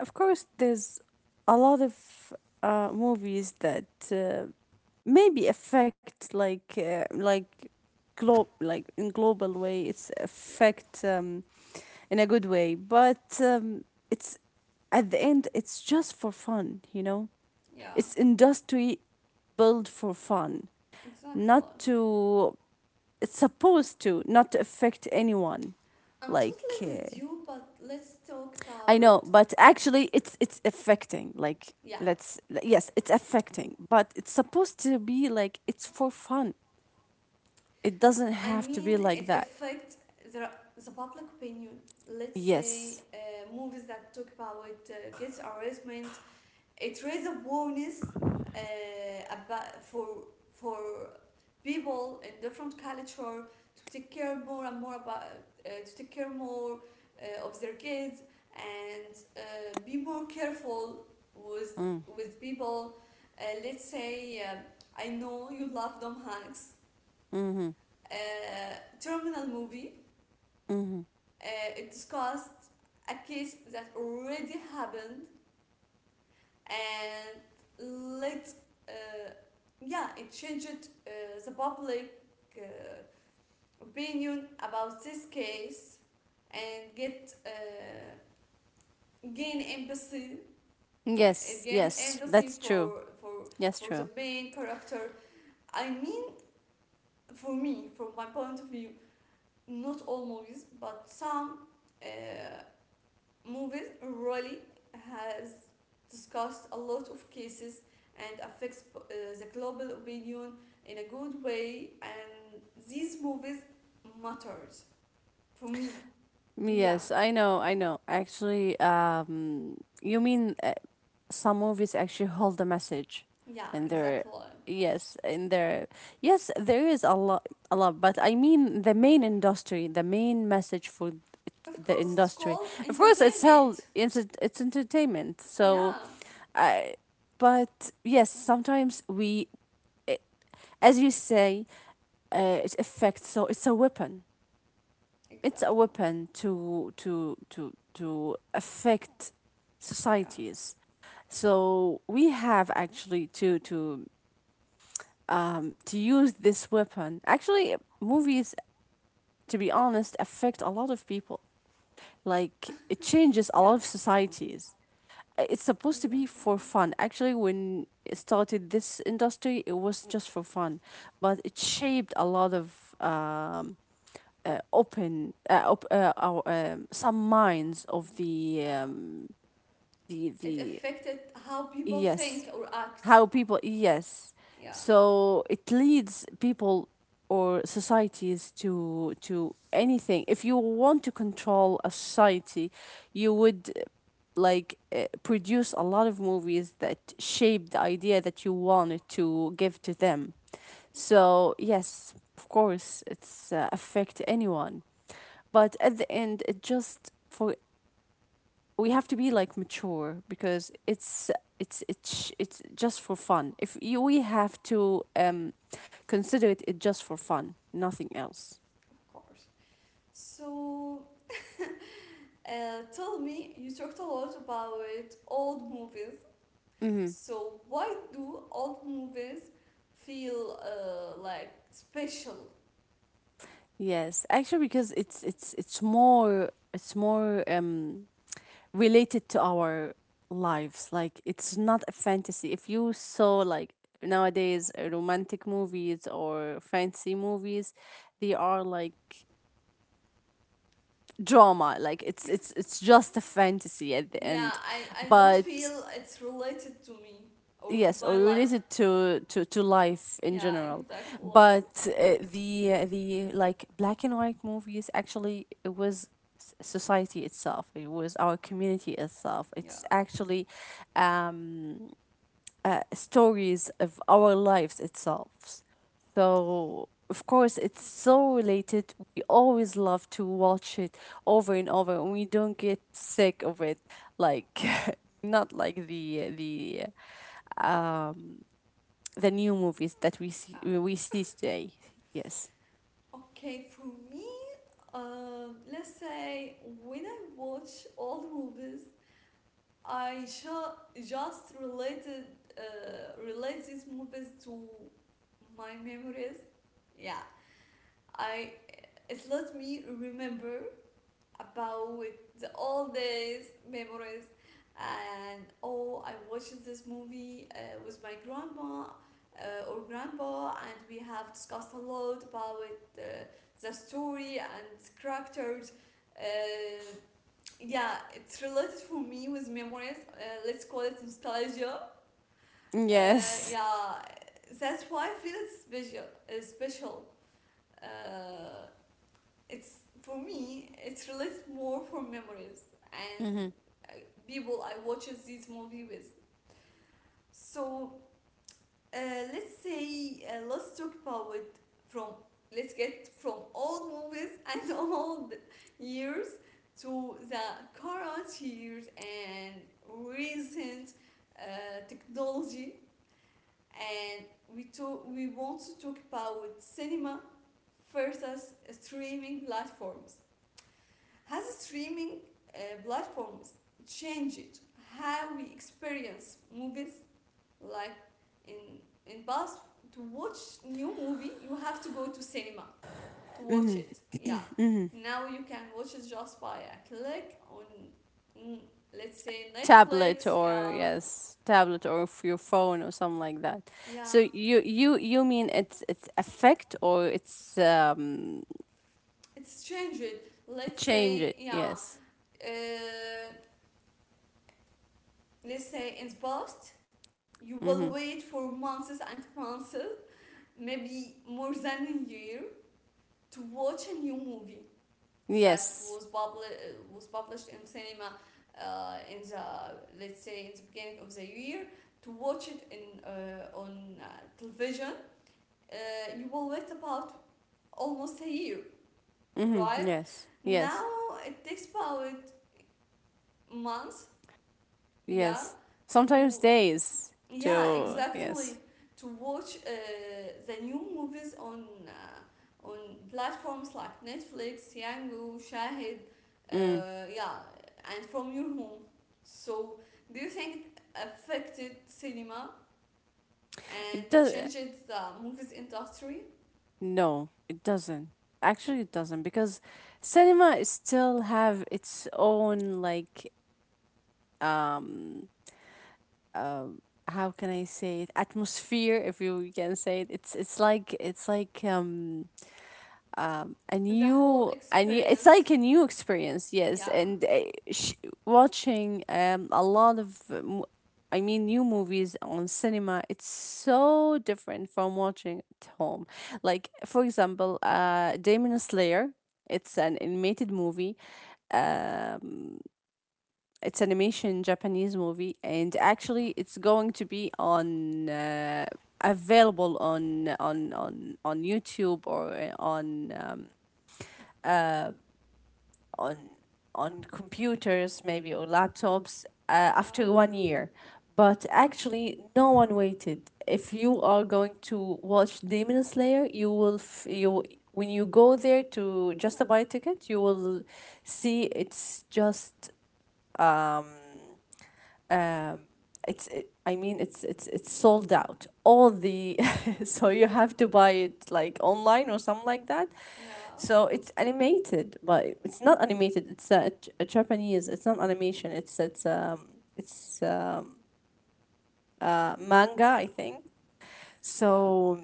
[SPEAKER 2] of course, there's a lot of movies that maybe affect like globe, like in global way. It's
[SPEAKER 1] Yeah,
[SPEAKER 2] affect in a good way, but it's at the end. It's just for fun,
[SPEAKER 1] yeah.
[SPEAKER 2] It's industry built for fun,
[SPEAKER 1] Exactly.
[SPEAKER 2] not to, it's supposed to not affect anyone.
[SPEAKER 1] I'm totally
[SPEAKER 2] Like,
[SPEAKER 1] with
[SPEAKER 2] uh,
[SPEAKER 1] you, but let's talk about.
[SPEAKER 2] I know, but actually it's affecting, like.
[SPEAKER 1] Yeah.
[SPEAKER 2] Let's, yes, it's affecting, but it's supposed to be like it's for fun. It doesn't
[SPEAKER 1] I
[SPEAKER 2] have to
[SPEAKER 1] mean,
[SPEAKER 2] be like
[SPEAKER 1] it
[SPEAKER 2] that.
[SPEAKER 1] affects the the public opinion. Let's say
[SPEAKER 2] Yes.
[SPEAKER 1] movies that talk about gets harassment, it raise awareness about, for people in different culture, to take care more and more about, to take care more of their kids, and be more careful with
[SPEAKER 2] Mm.
[SPEAKER 1] with people. Let's say I know you love Tom Hanks.
[SPEAKER 2] Mm-hmm.
[SPEAKER 1] Terminal movie.
[SPEAKER 2] Mm-hmm.
[SPEAKER 1] It discussed a case that already happened and let, uh, yeah, it changed the public uh, opinion about this case, and get gain empathy. Yeah, it
[SPEAKER 2] Yes,
[SPEAKER 1] gained
[SPEAKER 2] yes,
[SPEAKER 1] empathy
[SPEAKER 2] that's true.
[SPEAKER 1] for, for
[SPEAKER 2] Yes,
[SPEAKER 1] for the
[SPEAKER 2] true.
[SPEAKER 1] main character. I mean, for me, from my point of view, not all movies, but some uh, movies really has discussed a lot of cases, and affects the global opinion in a good way, and these movies matters for me. Yeah,
[SPEAKER 2] Yes, I know, I know. Actually, you mean some movies actually hold a message.
[SPEAKER 1] yeah,
[SPEAKER 2] And there,
[SPEAKER 1] exactly.
[SPEAKER 2] yes, in there, yes, there is a lot, a lot, but I mean the main industry, the main message for th-
[SPEAKER 1] Of
[SPEAKER 2] the
[SPEAKER 1] course, it's
[SPEAKER 2] industry,
[SPEAKER 1] called
[SPEAKER 2] of course it's held,
[SPEAKER 1] entertainment.
[SPEAKER 2] it's entertainment, so
[SPEAKER 1] Yeah,
[SPEAKER 2] I, but yes, sometimes we, i- as you say, it affects, so it's a weapon. It's a
[SPEAKER 1] exactly.
[SPEAKER 2] weapon to affect
[SPEAKER 1] Yeah,
[SPEAKER 2] societies. So we have actually to to use this weapon. Actually, movies, to be honest, affect a lot of people. Like it
[SPEAKER 1] yeah,
[SPEAKER 2] changes a lot of societies. It's supposed to be
[SPEAKER 1] exactly.
[SPEAKER 2] for fun. Actually, when it started this industry, it was just for fun, but it shaped a lot of open our, some minds of the
[SPEAKER 1] Yeah,
[SPEAKER 2] um the
[SPEAKER 1] it
[SPEAKER 2] the
[SPEAKER 1] affected how people
[SPEAKER 2] Yes.
[SPEAKER 1] think or act.
[SPEAKER 2] How people, yes.
[SPEAKER 1] Yeah,
[SPEAKER 2] So it leads people or societies to anything. If you want to control a society, you would like produce a lot of movies that shape the idea that you wanted to give to them.
[SPEAKER 1] yeah,
[SPEAKER 2] So yes, of course, it's affect anyone, but at the end, it just for, we have to be like mature because it's just for fun. If you, we have to consider it, it just for fun, nothing else.
[SPEAKER 1] of course. So tell me, you talked a lot about old movies.
[SPEAKER 2] Mm-hmm.
[SPEAKER 1] So why do old movies feel like special?
[SPEAKER 2] Yes, actually, because it's more, it's more related to our lives. Like it's not a fantasy. If you saw like nowadays romantic movies or fancy movies, they are like drama, like it's just a fantasy at the
[SPEAKER 1] Yeah,
[SPEAKER 2] end.
[SPEAKER 1] I don't
[SPEAKER 2] But
[SPEAKER 1] feel it's related to me or to
[SPEAKER 2] yes, or
[SPEAKER 1] my life.
[SPEAKER 2] related to life in
[SPEAKER 1] Yeah,
[SPEAKER 2] general.
[SPEAKER 1] exactly.
[SPEAKER 2] But the like black and white movies actually it was society itself, it was our community itself,
[SPEAKER 1] Yeah.
[SPEAKER 2] it's actually um stories of our lives itself. So, of course, it's so related. We always love to watch it over and over, and we don't get sick of it. Like, not like um the new movies that we see
[SPEAKER 1] Ah,
[SPEAKER 2] we see today. Yes.
[SPEAKER 1] okay, for me, let's say when I watch old movies, just relate these movies to my memories. Yeah, I, it let me remember about the old days memories, and oh, I watched this movie with my grandma or grandpa, and we have discussed a lot about uh, the story and characters. Uh, yeah, it's related for me with memories. Let's call it nostalgia.
[SPEAKER 2] Yes.
[SPEAKER 1] Yeah, that's why I feel it's special. Special. Uh, it's for me. It's related more for memories and
[SPEAKER 2] Mm-hmm.
[SPEAKER 1] uh, people I watches these movie with. So Uh, let's say let's talk about it from, let's get from old movies and old years to the current years, and recent technology, and we want to talk about cinema versus streaming platforms. Has streaming uh, platforms changed how we experience movies? Like, in past, to watch new movie you have to go to cinema to watch it. Yeah.
[SPEAKER 2] Mm-hmm.
[SPEAKER 1] Now you can watch it just by a click on, mm, let's say,
[SPEAKER 2] Tablet
[SPEAKER 1] Netflix.
[SPEAKER 2] or,
[SPEAKER 1] Yeah,
[SPEAKER 2] yes, tablet or your phone or something like that.
[SPEAKER 1] yeah.
[SPEAKER 2] So you mean it's affect, or it's
[SPEAKER 1] It's changed, let's
[SPEAKER 2] change
[SPEAKER 1] say.
[SPEAKER 2] it,
[SPEAKER 1] Yeah,
[SPEAKER 2] yes.
[SPEAKER 1] uh, let's say in past, you will
[SPEAKER 2] Mm-hmm.
[SPEAKER 1] wait for months and months, maybe more than a year, to watch a new movie that
[SPEAKER 2] Yes.
[SPEAKER 1] was was published in cinema in the, let's say in the beginning of the year, to watch it in, on television. Uh, you will wait about almost a year.
[SPEAKER 2] Mm-hmm.
[SPEAKER 1] Right,
[SPEAKER 2] Yes.
[SPEAKER 1] now
[SPEAKER 2] Yes.
[SPEAKER 1] it takes about months. Yeah.
[SPEAKER 2] Yes, sometimes
[SPEAKER 1] To,
[SPEAKER 2] days
[SPEAKER 1] yeah,
[SPEAKER 2] too.
[SPEAKER 1] exactly.
[SPEAKER 2] Yes.
[SPEAKER 1] To watch the new movies on, on platforms like Netflix, Yango, Shahid,
[SPEAKER 2] Mm.
[SPEAKER 1] yeah, and from your home. So, do you think it affected cinema
[SPEAKER 2] It
[SPEAKER 1] and it
[SPEAKER 2] does.
[SPEAKER 1] changed the movies industry,
[SPEAKER 2] No, it doesn't. Actually it doesn't, because cinema is still have its own like um um how can I say it, atmosphere, if you can say it. It's like, it's like a
[SPEAKER 1] the whole
[SPEAKER 2] new, it's
[SPEAKER 1] experience?
[SPEAKER 2] like a new experience, yes.
[SPEAKER 1] Yeah,
[SPEAKER 2] And sh- watching a lot of I mean new movies on cinema, it's so different from watching at home. Like, for example, Demon Slayer, it's an animated movie, it's animation Japanese movie, and actually it's going to be on available on YouTube or on on computers maybe or laptops after
[SPEAKER 1] yeah,
[SPEAKER 2] 1 year. But actually, no one waited. If you are going to watch Demon Slayer, you will you, when you go there to just to buy a ticket, you will see it's just um it's, I mean it's sold out, all the so you have to buy it like online or something like that.
[SPEAKER 1] yeah,
[SPEAKER 2] So it's animated, but it's not animated. It's a Japanese. It's not animation. It's manga, I think.
[SPEAKER 1] yeah,
[SPEAKER 2] So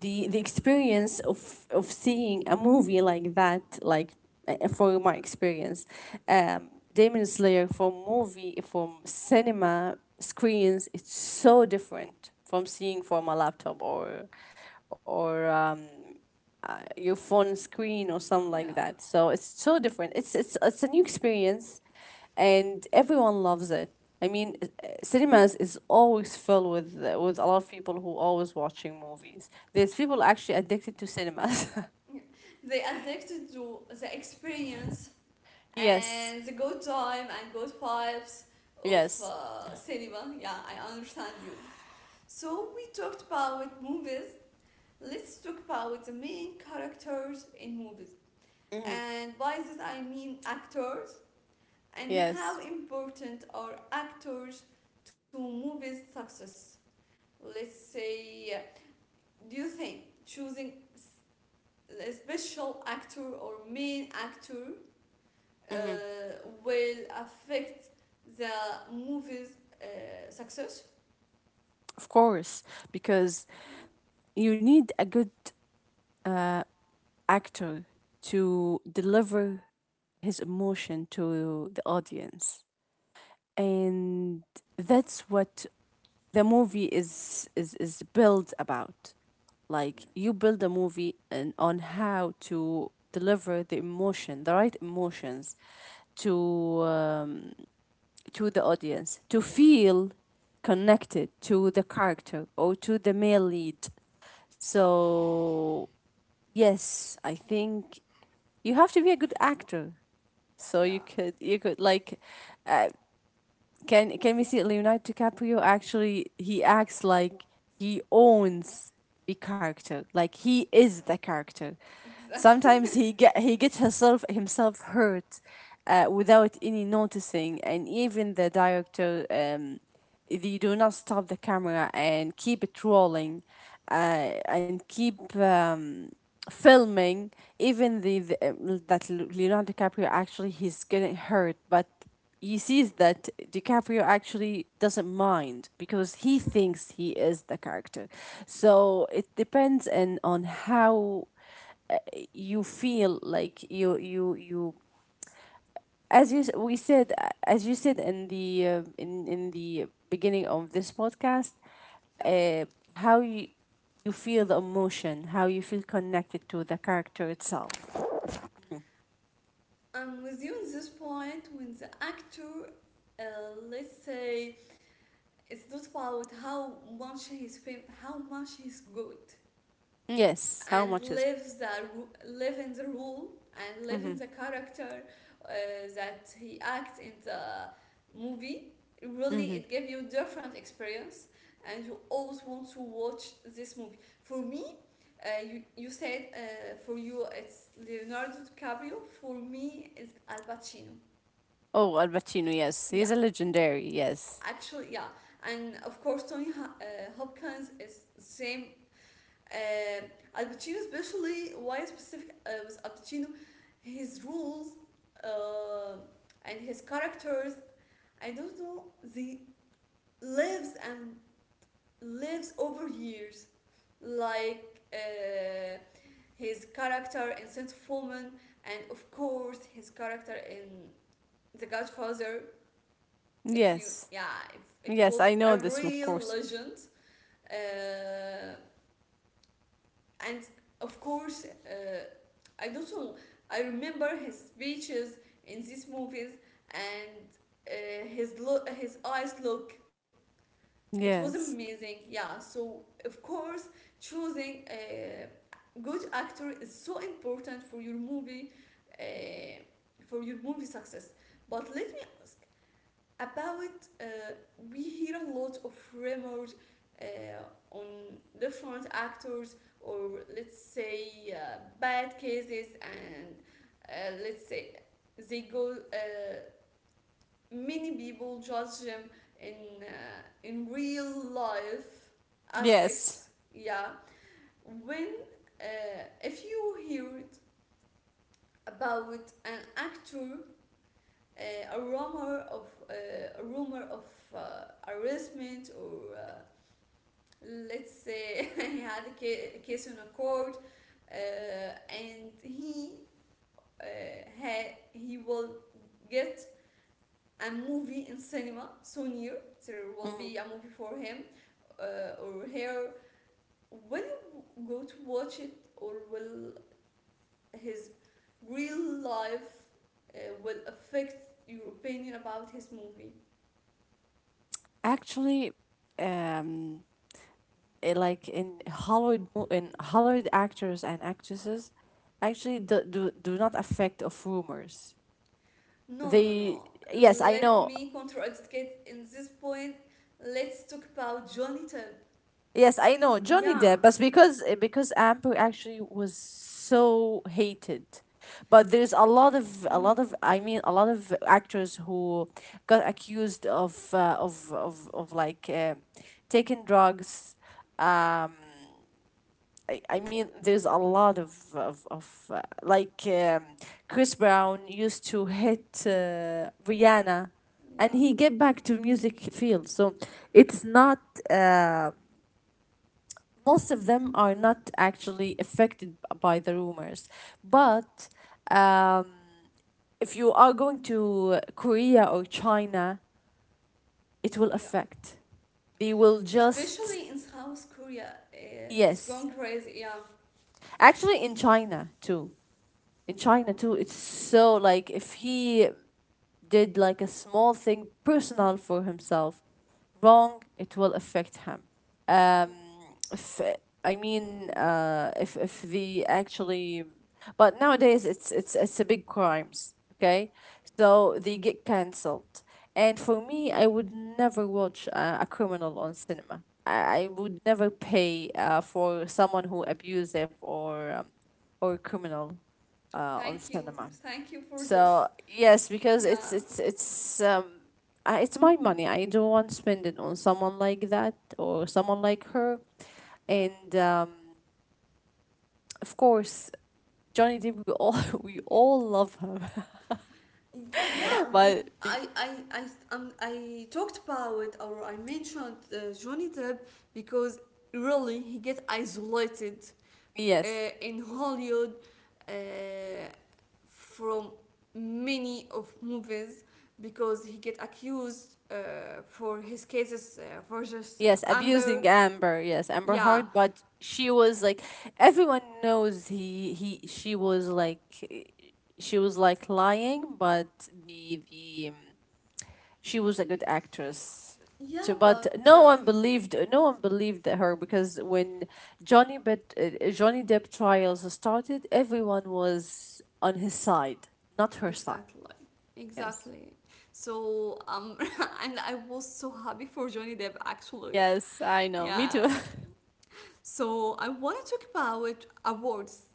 [SPEAKER 2] the experience of seeing a movie like that, like for my experience, Demon Slayer from movie, from cinema screens, it's so different from seeing from a laptop or, or um your phone screen or something
[SPEAKER 1] yeah, yeah.
[SPEAKER 2] like that. So it's so different. It's it's a new experience, and everyone loves it. I mean, cinemas is always filled with a lot of people who always watching movies. There's people actually addicted to cinemas.
[SPEAKER 1] They addicted to the experience
[SPEAKER 2] Yes.
[SPEAKER 1] and the good time and good vibes of
[SPEAKER 2] Yes.
[SPEAKER 1] cinema. Yeah, I understand you. So we talked about movies. Let's talk about the main characters in movies.
[SPEAKER 2] Mm-hmm.
[SPEAKER 1] And by this I mean actors, and
[SPEAKER 2] Yes.
[SPEAKER 1] how important are actors to movies success. Let's say, do you think choosing a special actor or main actor
[SPEAKER 2] Hmm.
[SPEAKER 1] will affect the movie's success.
[SPEAKER 2] Of course, because
[SPEAKER 1] Yeah,
[SPEAKER 2] you need a good uh, actor to deliver his emotion to the audience. And that's what the movie is built about. Like
[SPEAKER 1] yeah,
[SPEAKER 2] you build a movie, and on how to deliver the emotion, the right emotions to, to the audience, to feel connected to the character or to the male lead. So yes, I think you have to be a good actor so you
[SPEAKER 1] yeah,
[SPEAKER 2] could, like, uh, can we see Leonardo DiCaprio? Actually he acts like he owns the character. Like he is the character. Sometimes
[SPEAKER 1] exactly.
[SPEAKER 2] he get, he gets himself hurt without any noticing, and even the director they do not stop the camera and keep it rolling and keep filming, even the that Leonardo DiCaprio actually he's getting hurt, but he sees that DiCaprio actually doesn't mind because he thinks he is the character. So it depends and on how uh, you feel like you as we said, as you said in the beginning of this podcast,
[SPEAKER 1] Yeah,
[SPEAKER 2] uh, how you, you feel the emotion, how you feel connected to the character itself.
[SPEAKER 1] I'm with you on this point. When the actor, uh, let's say, it's not about how much how much he's good,
[SPEAKER 2] Yes, how
[SPEAKER 1] and
[SPEAKER 2] much is.
[SPEAKER 1] lives the, live in the rule, and live
[SPEAKER 2] Mm-hmm,
[SPEAKER 1] in the character uh, that he acts in the movie, really
[SPEAKER 2] mm-hmm.
[SPEAKER 1] it gave you different experience, and you always want to watch this movie. For me, you said, for you it's Leonardo DiCaprio, for me it's Al Pacino.
[SPEAKER 2] Oh, Al Pacino, yes, he's
[SPEAKER 1] Yeah,
[SPEAKER 2] a legendary, yes.
[SPEAKER 1] actually, yeah. And of course Tony Hopkins is same. Uh, Al Pacino, especially why specific with Al Pacino, his rules uh, and his characters. I don't know. They lives and lives over years, like his character in Saint Foreman, and of course his character in The Godfather. If you,
[SPEAKER 2] Yes.
[SPEAKER 1] yeah, it
[SPEAKER 2] Yes,
[SPEAKER 1] was
[SPEAKER 2] I know
[SPEAKER 1] a
[SPEAKER 2] this, of
[SPEAKER 1] real
[SPEAKER 2] course.
[SPEAKER 1] legend. Uh, and of course I don't know, I remember his speeches in these movies, and his look, his eyes look, it was
[SPEAKER 2] Yes.
[SPEAKER 1] amazing. Yeah, so of course choosing a good actor is so important for your movie, uh, for your movie success. But let me ask about, we hear a lot of rumors uh, on different actors, or let's say bad cases, and let's say they go, many people judge them in, in real life
[SPEAKER 2] Yes.
[SPEAKER 1] aspects. Yeah. When, if you heard about an actor, a rumor of, a rumor of arrestment, or let's say he had a case in a court, uh, and uh, he will get a movie in cinema so near, there will
[SPEAKER 2] Mhm.
[SPEAKER 1] be a movie for him or her, will you go to watch it, or will his real life will affect your opinion about his movie?
[SPEAKER 2] Actually, um like in Hollywood actors and actresses actually do not affect of rumors.
[SPEAKER 1] No, no,
[SPEAKER 2] They,
[SPEAKER 1] no.
[SPEAKER 2] yes, I
[SPEAKER 1] Let
[SPEAKER 2] know.
[SPEAKER 1] me contradict Kate in this point. Let's talk about Johnny Depp.
[SPEAKER 2] Yes, I know Johnny
[SPEAKER 1] Yeah,
[SPEAKER 2] Depp, but because because Amber actually was so hated. But there's a lot of,
[SPEAKER 1] mm,
[SPEAKER 2] I mean a lot of actors who got accused of like taking drugs, um, I mean, there's a lot of like Chris Brown used to hit Rihanna, and
[SPEAKER 1] yeah,
[SPEAKER 2] he get back to music field. So it's not. Uh, Most of them are not actually affected by the rumors, but um, if you are going to Korea or China, it will
[SPEAKER 1] yeah.
[SPEAKER 2] affect. They will just,
[SPEAKER 1] Especially in South Korea, it's
[SPEAKER 2] yes.
[SPEAKER 1] going crazy. Yeah.
[SPEAKER 2] Actually, in China too, in China too, it's so like if he did like a small thing personal for himself wrong, it will affect him. Um, if, I mean, if the, actually, but nowadays it's a big crimes. Okay, so they get cancelled. And for me, I would never watch a criminal on cinema. I would never pay for someone who abusive or criminal on cinema.
[SPEAKER 1] Thank you for this.
[SPEAKER 2] So yes, because
[SPEAKER 1] Yeah,
[SPEAKER 2] it's it's my money. I don't want to spend it on someone like that or someone like her.
[SPEAKER 1] yeah,
[SPEAKER 2] And of course, Johnny Depp, we all we all love him.
[SPEAKER 1] yeah. We,
[SPEAKER 2] but be-
[SPEAKER 1] I talked about, or I mentioned Johnny Depp, because really he get isolated
[SPEAKER 2] yes.
[SPEAKER 1] in Hollywood uh, from many of movies, because he get accused for his cases for just,
[SPEAKER 2] Yes,
[SPEAKER 1] Amber.
[SPEAKER 2] abusing Amber. Yes, Amber
[SPEAKER 1] Yeah,
[SPEAKER 2] Heard, but she was like, everyone knows he, she was like, she was like lying, but the, she was a good actress
[SPEAKER 1] yeah,
[SPEAKER 2] too, but
[SPEAKER 1] but
[SPEAKER 2] no one believed, her, because when Johnny, but Johnny Depp trials started, everyone was on his side, not her side.
[SPEAKER 1] exactly,
[SPEAKER 2] Yes.
[SPEAKER 1] exactly. So and I was so happy for Johnny Depp actually.
[SPEAKER 2] Yes, I know. Me
[SPEAKER 1] Yeah.
[SPEAKER 2] too.
[SPEAKER 1] So I want to talk about awards.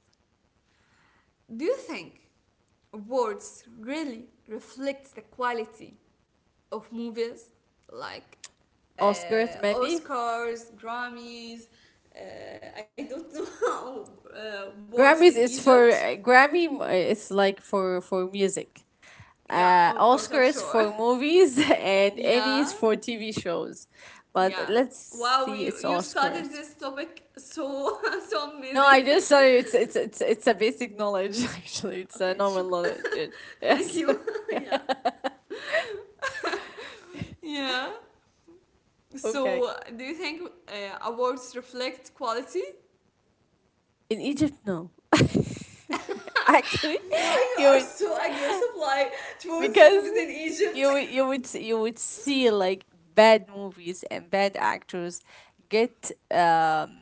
[SPEAKER 1] Do you think awards really reflects the quality of movies, like
[SPEAKER 2] Oscars maybe.
[SPEAKER 1] Oscars, Grammys, I don't know awards in
[SPEAKER 2] Grammys is
[SPEAKER 1] Egypt.
[SPEAKER 2] for Grammy. It's like for music.
[SPEAKER 1] Yeah, of course, I'm sure.
[SPEAKER 2] Oscars for movies, and
[SPEAKER 1] Yeah,
[SPEAKER 2] Emmys for TV shows.
[SPEAKER 1] yeah.
[SPEAKER 2] But let's
[SPEAKER 1] Wow,
[SPEAKER 2] see,
[SPEAKER 1] you,
[SPEAKER 2] it's
[SPEAKER 1] you studied
[SPEAKER 2] Oscars.
[SPEAKER 1] this topic, so so
[SPEAKER 2] No,
[SPEAKER 1] amazing.
[SPEAKER 2] I just sorry. It's a basic knowledge actually. It's a
[SPEAKER 1] Okay,
[SPEAKER 2] normal knowledge. It-
[SPEAKER 1] thank
[SPEAKER 2] yes.
[SPEAKER 1] you. Yeah. Yeah.
[SPEAKER 2] Okay.
[SPEAKER 1] So, do you think awards reflect quality?
[SPEAKER 2] In Egypt, no. actually,
[SPEAKER 1] Why you
[SPEAKER 2] You
[SPEAKER 1] are
[SPEAKER 2] would
[SPEAKER 1] so aggressive like towards
[SPEAKER 2] because
[SPEAKER 1] movies in Egypt?
[SPEAKER 2] you would see like bad movies and bad actors get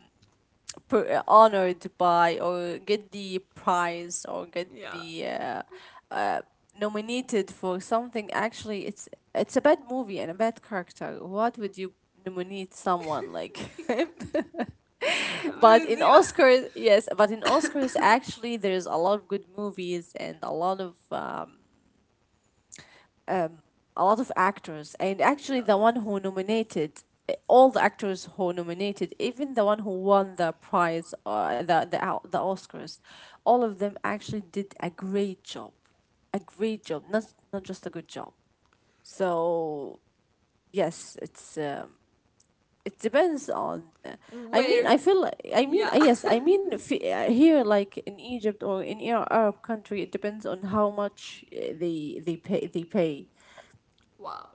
[SPEAKER 2] honored by, or get the prize, or get
[SPEAKER 1] Yeah.
[SPEAKER 2] the uh, nominated for something. Actually it's a bad movie and a bad character. What would you nominate someone like?
[SPEAKER 1] Yeah.
[SPEAKER 2] But in
[SPEAKER 1] Benziyor.
[SPEAKER 2] Oscars, yes, but in Oscars actually there's a lot of good movies and a lot of actors. And actually
[SPEAKER 1] Ya.
[SPEAKER 2] the one who nominated, all the actors who nominated, even the one who won the prize, the Oscars, all of them actually did a great job, not not just a good job. So yes, it depends on
[SPEAKER 1] Where?
[SPEAKER 2] I mean,
[SPEAKER 1] Yeah?
[SPEAKER 2] yes, I mean, if, here like in Egypt or in Arab country, it depends on how much they pay.
[SPEAKER 1] Wow.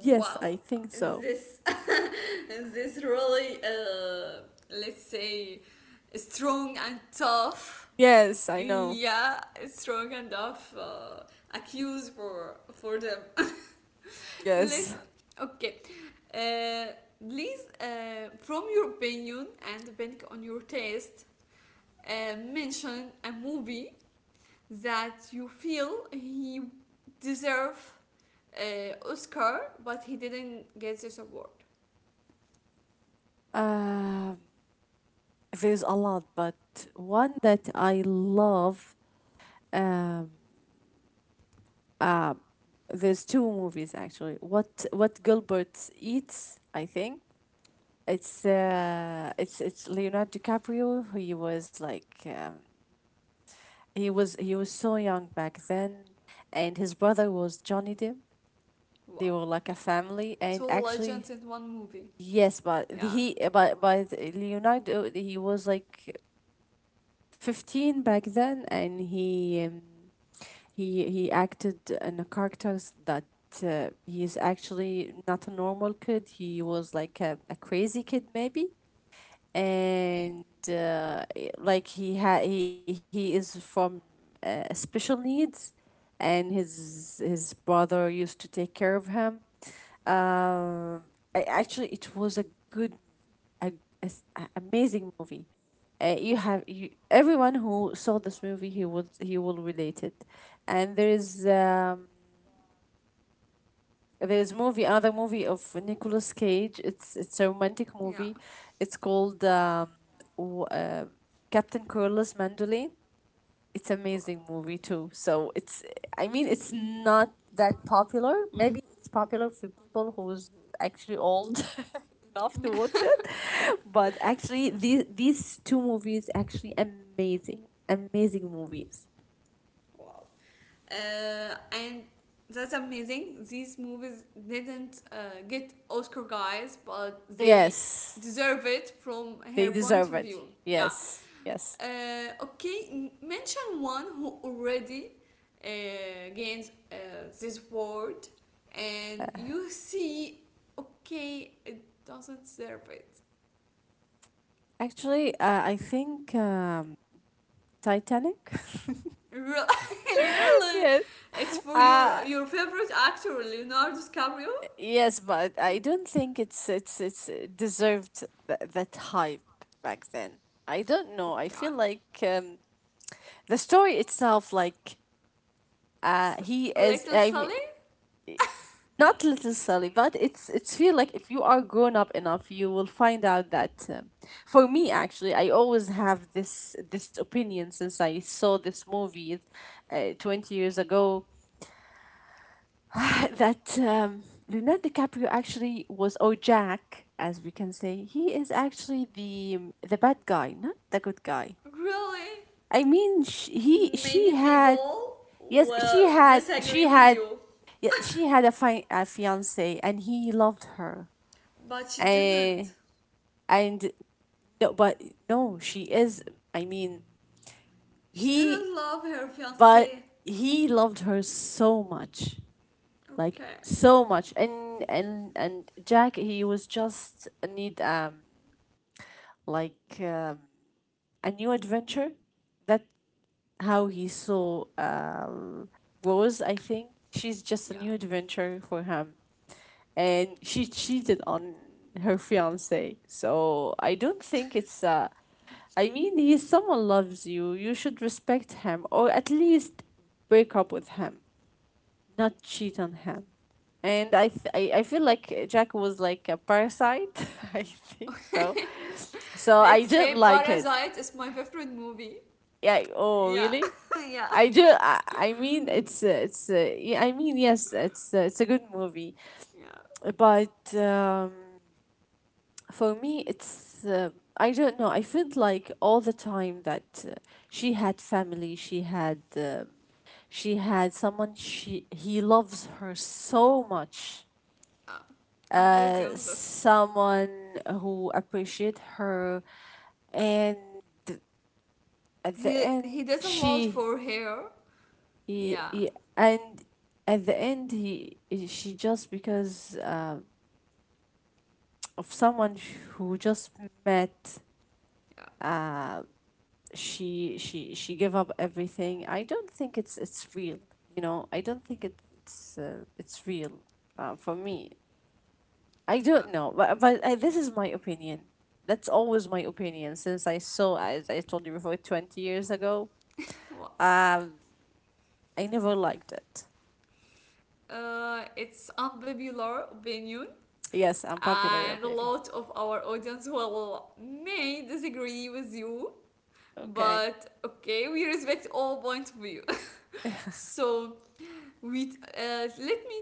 [SPEAKER 2] Yes,
[SPEAKER 1] Wow.
[SPEAKER 2] I think so.
[SPEAKER 1] This this really, let's say, strong and tough.
[SPEAKER 2] Yes, I know.
[SPEAKER 1] Yeah, strong and tough accuse for them. Let
[SPEAKER 2] Yes.
[SPEAKER 1] Okay. Uh, please, from your opinion and depending on your taste, mention a movie that you feel he deserve Oscar, but he didn't get this award.
[SPEAKER 2] Um, there's a lot, but one that I love. Um, uh, there's two movies actually. What Gilbert Eats, I think
[SPEAKER 1] Okay.
[SPEAKER 2] it's Leonardo DiCaprio. Who He was like, he was so young back then, and his brother was Johnny Depp. They
[SPEAKER 1] Wow,
[SPEAKER 2] were like a family, and
[SPEAKER 1] two legends
[SPEAKER 2] actually.
[SPEAKER 1] in one movie.
[SPEAKER 2] Yes, but the-
[SPEAKER 1] Yeah,
[SPEAKER 2] he but Leonardo, he was like 15 back then, and he he acted in a characters that he is actually not a normal kid. He was like a crazy kid maybe. And like he is from special needs, and his brother used to take care of him. um I, actually it was a good, a, amazing movie. You have you, everyone who saw this movie, he will relate it. And there is movie another movie of Nicolas Cage. It's a romantic
[SPEAKER 1] yeah,
[SPEAKER 2] movie. It's called w- uh, Captain Corliss Mandolin. It's
[SPEAKER 1] wow,
[SPEAKER 2] amazing movie too, so it's, I mean, it's not that popular. Maybe it's popular for people who's actually old enough
[SPEAKER 1] yeah,
[SPEAKER 2] to watch it. But actually these two movies actually amazing, amazing movies.
[SPEAKER 1] wow. And that's amazing. These movies didn't get Oscar, guys, but they
[SPEAKER 2] Yes,
[SPEAKER 1] deserve it from
[SPEAKER 2] they
[SPEAKER 1] her point
[SPEAKER 2] deserve
[SPEAKER 1] of
[SPEAKER 2] it.
[SPEAKER 1] view. Yeah.
[SPEAKER 2] Yes, yes.
[SPEAKER 1] Okay, mention one who already gains, this word, and you see, okay, it doesn't serve it.
[SPEAKER 2] Actually, I think, Titanic.
[SPEAKER 1] Really, really,
[SPEAKER 2] Yes.
[SPEAKER 1] it's for your
[SPEAKER 2] Uh
[SPEAKER 1] your favorite actor, Leonardo DiCaprio.
[SPEAKER 2] yes, but I don't think it's deserved that hype back then. I don't know. I
[SPEAKER 1] Okay,
[SPEAKER 2] feel like, the story itself, like,
[SPEAKER 1] it's
[SPEAKER 2] he is.
[SPEAKER 1] Little
[SPEAKER 2] I mean,
[SPEAKER 1] Sally.
[SPEAKER 2] not little Sally, but it's feel like if you are grown up enough you will find out that, for me actually I always have this opinion since I saw this movie 20 years ago. That, Leonardo DiCaprio actually was, or Jack as we can say, he is actually the, the bad guy, not the good guy.
[SPEAKER 1] Really,
[SPEAKER 2] I mean, sh- he she
[SPEAKER 1] many
[SPEAKER 2] had,
[SPEAKER 1] people
[SPEAKER 2] yes,
[SPEAKER 1] will
[SPEAKER 2] she
[SPEAKER 1] disagree with
[SPEAKER 2] had,
[SPEAKER 1] you,
[SPEAKER 2] yeah, she had a, a fiance, and he loved her.
[SPEAKER 1] but she
[SPEAKER 2] Eh,
[SPEAKER 1] didn't.
[SPEAKER 2] and no, but no, she is. I mean,
[SPEAKER 1] She
[SPEAKER 2] he,
[SPEAKER 1] didn't love her
[SPEAKER 2] but
[SPEAKER 1] fiance.
[SPEAKER 2] he loved her so much, like
[SPEAKER 1] Okay,
[SPEAKER 2] so much, and Jack, he was just need like, a new adventure. That how he saw, Rose. I think she's just a
[SPEAKER 1] yeah.
[SPEAKER 2] new adventure for him, and she cheated on her fiance. So I don't think it's I mean, he's someone loves you, you should respect him, or at least break up with him, not cheat on him. And I feel like Jack was like a parasite. I think so. So I
[SPEAKER 1] Let's
[SPEAKER 2] didn't
[SPEAKER 1] say
[SPEAKER 2] like it.
[SPEAKER 1] Parasite is my favorite movie.
[SPEAKER 2] Yeah. Oh,
[SPEAKER 1] Yeah,
[SPEAKER 2] really?
[SPEAKER 1] yeah,
[SPEAKER 2] I do. I mean, it's it's. Yeah, I mean, yes, it's a good movie,
[SPEAKER 1] yeah.
[SPEAKER 2] but, for me, it's I don't know. I felt like all the time that, she had family, she had, she had someone, she, he loves her so much.
[SPEAKER 1] Uh, I'm with you on this.
[SPEAKER 2] Someone who appreciate her, and at the
[SPEAKER 1] He
[SPEAKER 2] end
[SPEAKER 1] he did a lot
[SPEAKER 2] she
[SPEAKER 1] for her. Yeah,
[SPEAKER 2] he, and at the end he she, just because, of someone who just met,
[SPEAKER 1] yeah.
[SPEAKER 2] uh, she gave up everything. I don't think it's real, you know. I don't think it's, it's real, for me. I
[SPEAKER 1] Uh,
[SPEAKER 2] don't know, but I, this is my opinion. That's always my opinion since I saw, as I told you before, 20 years ago.
[SPEAKER 1] well,
[SPEAKER 2] um I never liked it.
[SPEAKER 1] it's unpopular opinion,
[SPEAKER 2] Yes, unpopular
[SPEAKER 1] and a
[SPEAKER 2] opinion.
[SPEAKER 1] lot of our audience will may disagree with you.
[SPEAKER 2] Okay.
[SPEAKER 1] But okay, we respect all point of view. So we let me,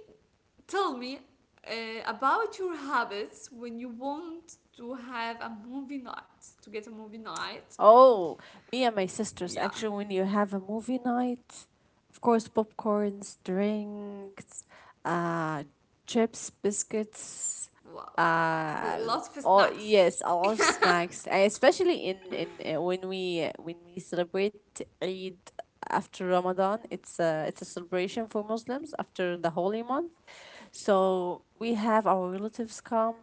[SPEAKER 1] tell me about your habits when you want to have a movie night, to get a movie night.
[SPEAKER 2] Oh, me and my sisters,
[SPEAKER 1] Yeah,
[SPEAKER 2] actually, when you have a movie night, of course, popcorns, drinks, uh, chips, biscuits,
[SPEAKER 1] wow.
[SPEAKER 2] uh,
[SPEAKER 1] Lots of
[SPEAKER 2] all,
[SPEAKER 1] snacks.
[SPEAKER 2] yes, a lot of snacks, especially in when we celebrate Eid after Ramadan. It's a celebration for Muslims after the holy month. So we have our relatives come,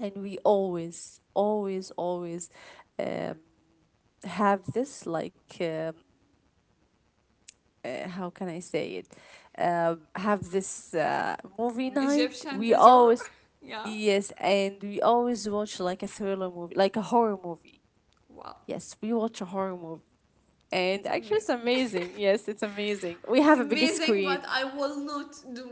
[SPEAKER 2] and we always, always, always have this, like, how can I say it? Have this, movie night.
[SPEAKER 1] Egyptian
[SPEAKER 2] We
[SPEAKER 1] dessert.
[SPEAKER 2] always,
[SPEAKER 1] Yeah,
[SPEAKER 2] yes, and we always watch like a thriller movie, like a horror movie.
[SPEAKER 1] wow.
[SPEAKER 2] Yes, we watch a horror movie, and
[SPEAKER 1] It's
[SPEAKER 2] actually, it's
[SPEAKER 1] amazing.
[SPEAKER 2] amazing. Yes, it's amazing.
[SPEAKER 1] It's
[SPEAKER 2] We have a big
[SPEAKER 1] amazing, but I
[SPEAKER 2] screen.
[SPEAKER 1] will not do it.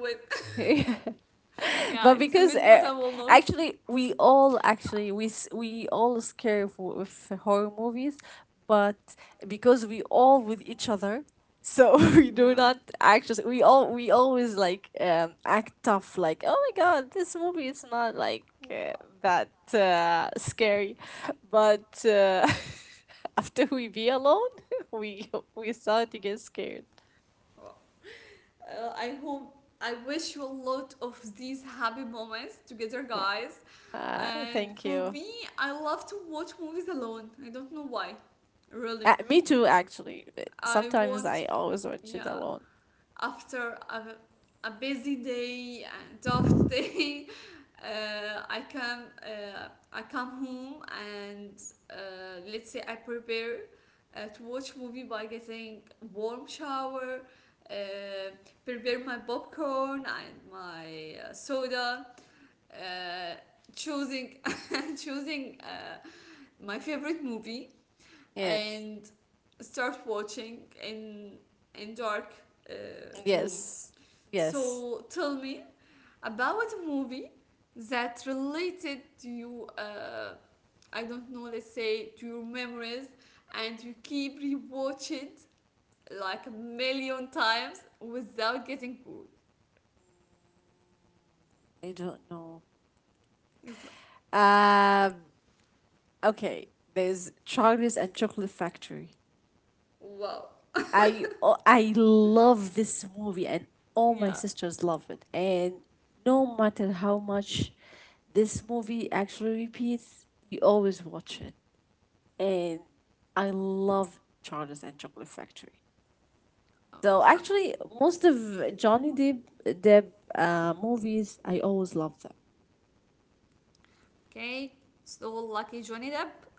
[SPEAKER 1] Yeah, it's
[SPEAKER 2] but
[SPEAKER 1] amazing,
[SPEAKER 2] because
[SPEAKER 1] but I will not.
[SPEAKER 2] Actually, we all scare of horror movies, but because we all with each other, so we
[SPEAKER 1] Yeah.
[SPEAKER 2] do not, actually we always like, act tough, like, oh my god, this movie is not like,
[SPEAKER 1] Wow.
[SPEAKER 2] that, scary, but, after we be alone, we we start to get scared.
[SPEAKER 1] Uh, I hope I wish you a lot of these happy moments together,
[SPEAKER 2] Yeah.
[SPEAKER 1] guys.
[SPEAKER 2] Uh,
[SPEAKER 1] And
[SPEAKER 2] thank
[SPEAKER 1] for
[SPEAKER 2] you.
[SPEAKER 1] me, I love to watch movies alone. I don't know why, really.
[SPEAKER 2] Me too, actually.
[SPEAKER 1] I
[SPEAKER 2] Sometimes
[SPEAKER 1] want,
[SPEAKER 2] I always watch it
[SPEAKER 1] yeah,
[SPEAKER 2] alone.
[SPEAKER 1] after a busy day and tough day, uh, i come uh, I come home, and let's say I prepare to watch movie by getting warm shower, uh, prepare my popcorn and my soda, uh, choosing choosing my favorite movie,
[SPEAKER 2] Yes,
[SPEAKER 1] and start watching in dark uh, room.
[SPEAKER 2] yes, yes.
[SPEAKER 1] So tell me about a movie that related to you. I don't know. Let's say to your memories, and you keep rewatch it like a million times without getting bored.
[SPEAKER 2] I don't know. Um. Okay. There's Charlie's and Chocolate Factory.
[SPEAKER 1] Wow.
[SPEAKER 2] I, oh, I love this movie, and all my
[SPEAKER 1] Yeah.
[SPEAKER 2] sisters love it. And no matter how much this movie actually repeats, we always watch it. And I love Charlie's and Chocolate Factory.
[SPEAKER 1] Oh,
[SPEAKER 2] Though
[SPEAKER 1] so,
[SPEAKER 2] actually, most of Johnny Depp movies, I always love them.
[SPEAKER 1] okay. So lucky Johnny Depp.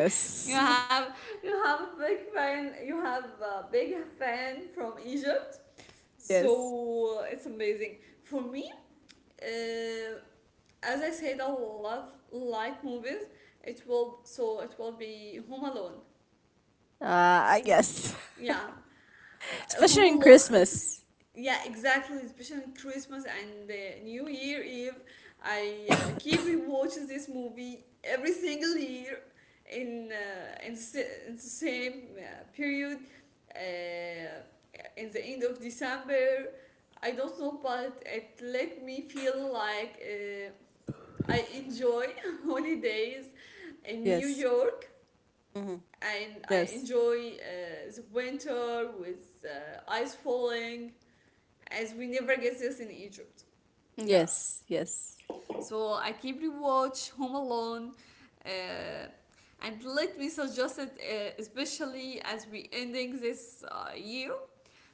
[SPEAKER 1] you have You have a big fan. You have a big fan from Egypt.
[SPEAKER 2] Yes.
[SPEAKER 1] So it's amazing for me. Uh, as I said, I love light movies. It will So it will be Home Alone.
[SPEAKER 2] Uh, I guess.
[SPEAKER 1] Yeah.
[SPEAKER 2] Especially
[SPEAKER 1] Home
[SPEAKER 2] in
[SPEAKER 1] Alone.
[SPEAKER 2] Christmas.
[SPEAKER 1] Yeah, exactly. Especially Christmas and New Year Eve, I keep rewatching this movie every single year in in the same period. Uh, in the end of December, I don't know, but it let me feel like. I enjoy holidays in New
[SPEAKER 2] Yes.
[SPEAKER 1] York,
[SPEAKER 2] Mm-hmm.
[SPEAKER 1] and I
[SPEAKER 2] Yes.
[SPEAKER 1] enjoy the winter with ice falling, as we never get this in Egypt. Yeah.
[SPEAKER 2] Yes, yes.
[SPEAKER 1] So I keep rewatch Home Alone, uh, and let me suggest it, especially as we ending this year.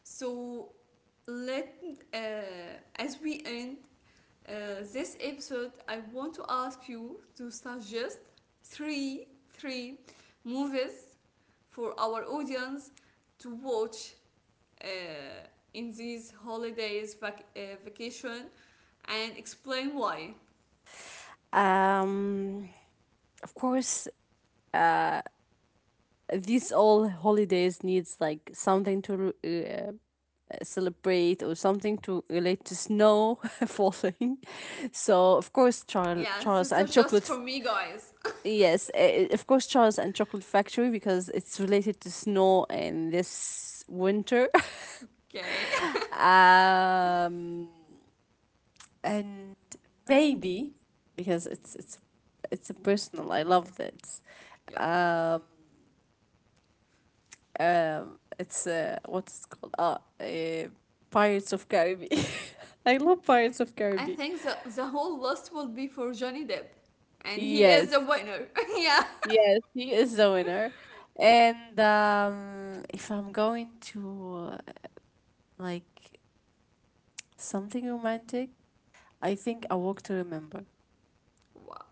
[SPEAKER 1] So let uh, as we end this episode, I want to ask you to suggest three movies for our audience to watch, uh, in these holidays vacation, and explain why.
[SPEAKER 2] Um, of course, these all holidays needs like something to, celebrate, or something to relate to snow falling. So of course,
[SPEAKER 1] Yeah,
[SPEAKER 2] Charles
[SPEAKER 1] this
[SPEAKER 2] and
[SPEAKER 1] is just for
[SPEAKER 2] chocolate.
[SPEAKER 1] me, guys.
[SPEAKER 2] Yes, of course, Charles and Chocolate Factory, because it's related to snow and this winter.
[SPEAKER 1] Okay,
[SPEAKER 2] Um, and maybe, because it's a personal. I love that.
[SPEAKER 1] yeah.
[SPEAKER 2] Um, it's what's it called? Uh, Pirates of Caribbean. I love Pirates of
[SPEAKER 1] I
[SPEAKER 2] Caribbean.
[SPEAKER 1] think the whole list will be for Johnny Depp, and he is the
[SPEAKER 2] Yes,
[SPEAKER 1] winner. Yeah.
[SPEAKER 2] yes, he is the winner. And, if I'm going to, like, something romantic. I think A Walk to Remember.
[SPEAKER 1] Wow.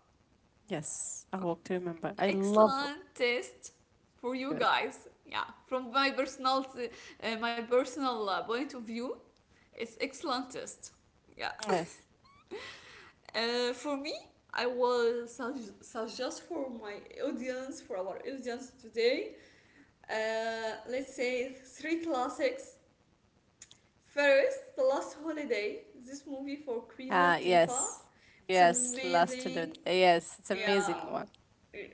[SPEAKER 2] Yes, A Walk to Remember. I love,
[SPEAKER 1] Excellent test for you
[SPEAKER 2] yes.
[SPEAKER 1] guys. Yeah, from my personal point of view, it's excellent test. Yeah,
[SPEAKER 2] Yes.
[SPEAKER 1] for me, I will suggest for my audience, for our audience today, let's say three classics. First, The Last Holiday. This movie for Queen
[SPEAKER 2] Uh,
[SPEAKER 1] Latifah.
[SPEAKER 2] yes.
[SPEAKER 1] It's
[SPEAKER 2] Yes, Last to the,
[SPEAKER 1] amazing.
[SPEAKER 2] yes, it's
[SPEAKER 1] Yeah,
[SPEAKER 2] amazing one.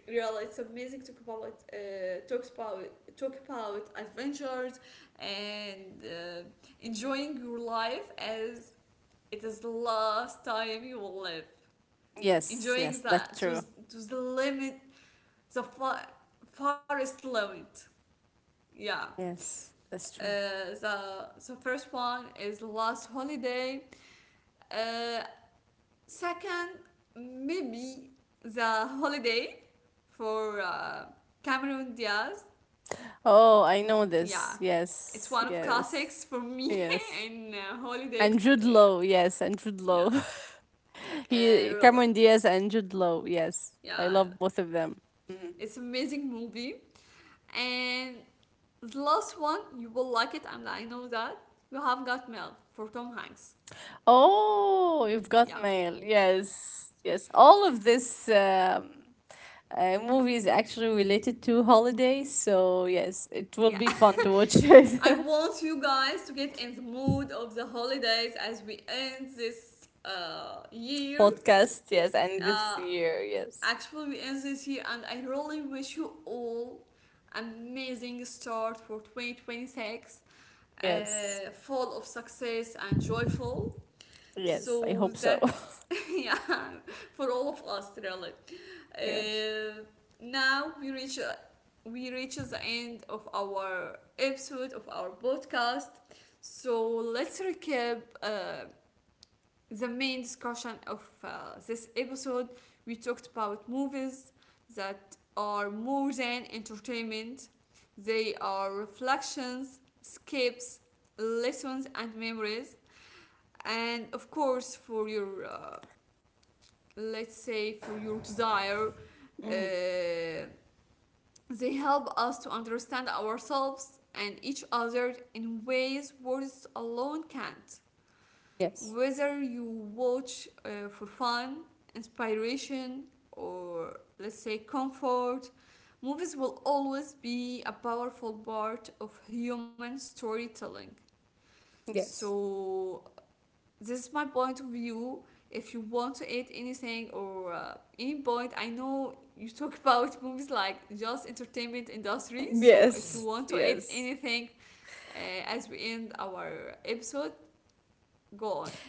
[SPEAKER 1] really it's amazing to talk about uh, talks about talk about adventures and enjoying your life as it is the last time you will live,
[SPEAKER 2] Yes,
[SPEAKER 1] enjoying
[SPEAKER 2] yes, that's
[SPEAKER 1] that
[SPEAKER 2] true.
[SPEAKER 1] to the limit, the far forest limit, yeah.
[SPEAKER 2] Yes, that's true.
[SPEAKER 1] The the first one is the last holiday. uh, Second, maybe The Holiday, for Cameron Diaz.
[SPEAKER 2] Oh, I know
[SPEAKER 1] Yeah,
[SPEAKER 2] this.
[SPEAKER 1] it's
[SPEAKER 2] Yes,
[SPEAKER 1] one of
[SPEAKER 2] yes,
[SPEAKER 1] classics for me
[SPEAKER 2] yes.
[SPEAKER 1] in holiday.
[SPEAKER 2] And Jude
[SPEAKER 1] Uh,
[SPEAKER 2] Law, yes, and Jude Law.
[SPEAKER 1] yeah,
[SPEAKER 2] He,
[SPEAKER 1] really,
[SPEAKER 2] Cameron Diaz and Jude Law, yes. I
[SPEAKER 1] yeah,
[SPEAKER 2] love both of them. Mhm.
[SPEAKER 1] it's amazing movie. And the last one, you will like it, and I know that: You Have Got Mail, for Tom Hanks.
[SPEAKER 2] Oh, you've
[SPEAKER 1] Yeah,
[SPEAKER 2] got mail. Yes, yes. All of this, movie is actually related to holidays. So, yes, it will
[SPEAKER 1] yeah.
[SPEAKER 2] be fun to watch
[SPEAKER 1] I
[SPEAKER 2] it.
[SPEAKER 1] want you guys to get in the mood of the holidays as we end this year.
[SPEAKER 2] Podcast, yes, and this
[SPEAKER 1] Uh,
[SPEAKER 2] year, yes.
[SPEAKER 1] Actually, we end this year, and I really wish you all amazing start for 2026,
[SPEAKER 2] Yes.
[SPEAKER 1] uh, full of success and joyful.
[SPEAKER 2] Yes, I
[SPEAKER 1] So
[SPEAKER 2] hope so.
[SPEAKER 1] that yeah, for all of us really.
[SPEAKER 2] Yes.
[SPEAKER 1] Uh, Now we reach the end of our episode of our podcast. So let's recap the main discussion of this episode. We talked about movies that are more than entertainment, they are reflections, escapes, lessons, and memories. And of course, for your, let's say, for your desire,
[SPEAKER 2] Hmm.
[SPEAKER 1] uh, they help us to understand ourselves and each other in ways words alone can't,
[SPEAKER 2] Yes.
[SPEAKER 1] whether you watch for fun, inspiration, or let's say comfort, movies will always be a powerful part of human storytelling.
[SPEAKER 2] Yes.
[SPEAKER 1] So, this is my point of view. If you want to add anything or any point, I know you talk about movies like just entertainment industry. So, if you
[SPEAKER 2] Yes.
[SPEAKER 1] want to add
[SPEAKER 2] Yes,
[SPEAKER 1] anything, uh, as we end our episode, go on.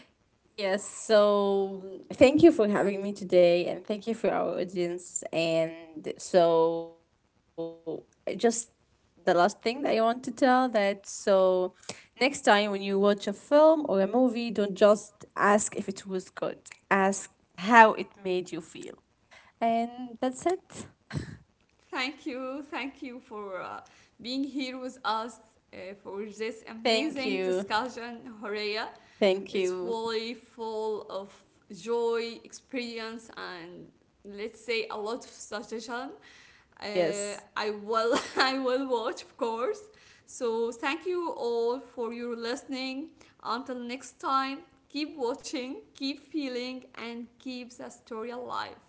[SPEAKER 2] Yes, so thank you for having me today, and thank you for our audience. And so, just the last thing that I want to tell, that, so next time when you watch a film or a movie, don't just ask if it was good. Ask how it made you feel. And that's it.
[SPEAKER 1] Thank you for being here with us, for this amazing
[SPEAKER 2] Thank you.
[SPEAKER 1] discussion, Horea. It's
[SPEAKER 2] Thank you.
[SPEAKER 1] really full of joy, experience, and let's say a lot of suggestion. I
[SPEAKER 2] Yes.
[SPEAKER 1] will, I will watch, of course. So thank you all for your listening. Until next time, keep watching, keep feeling, and keep the story alive.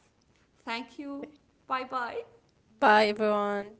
[SPEAKER 1] Thank you. Bye bye.
[SPEAKER 2] Bye everyone.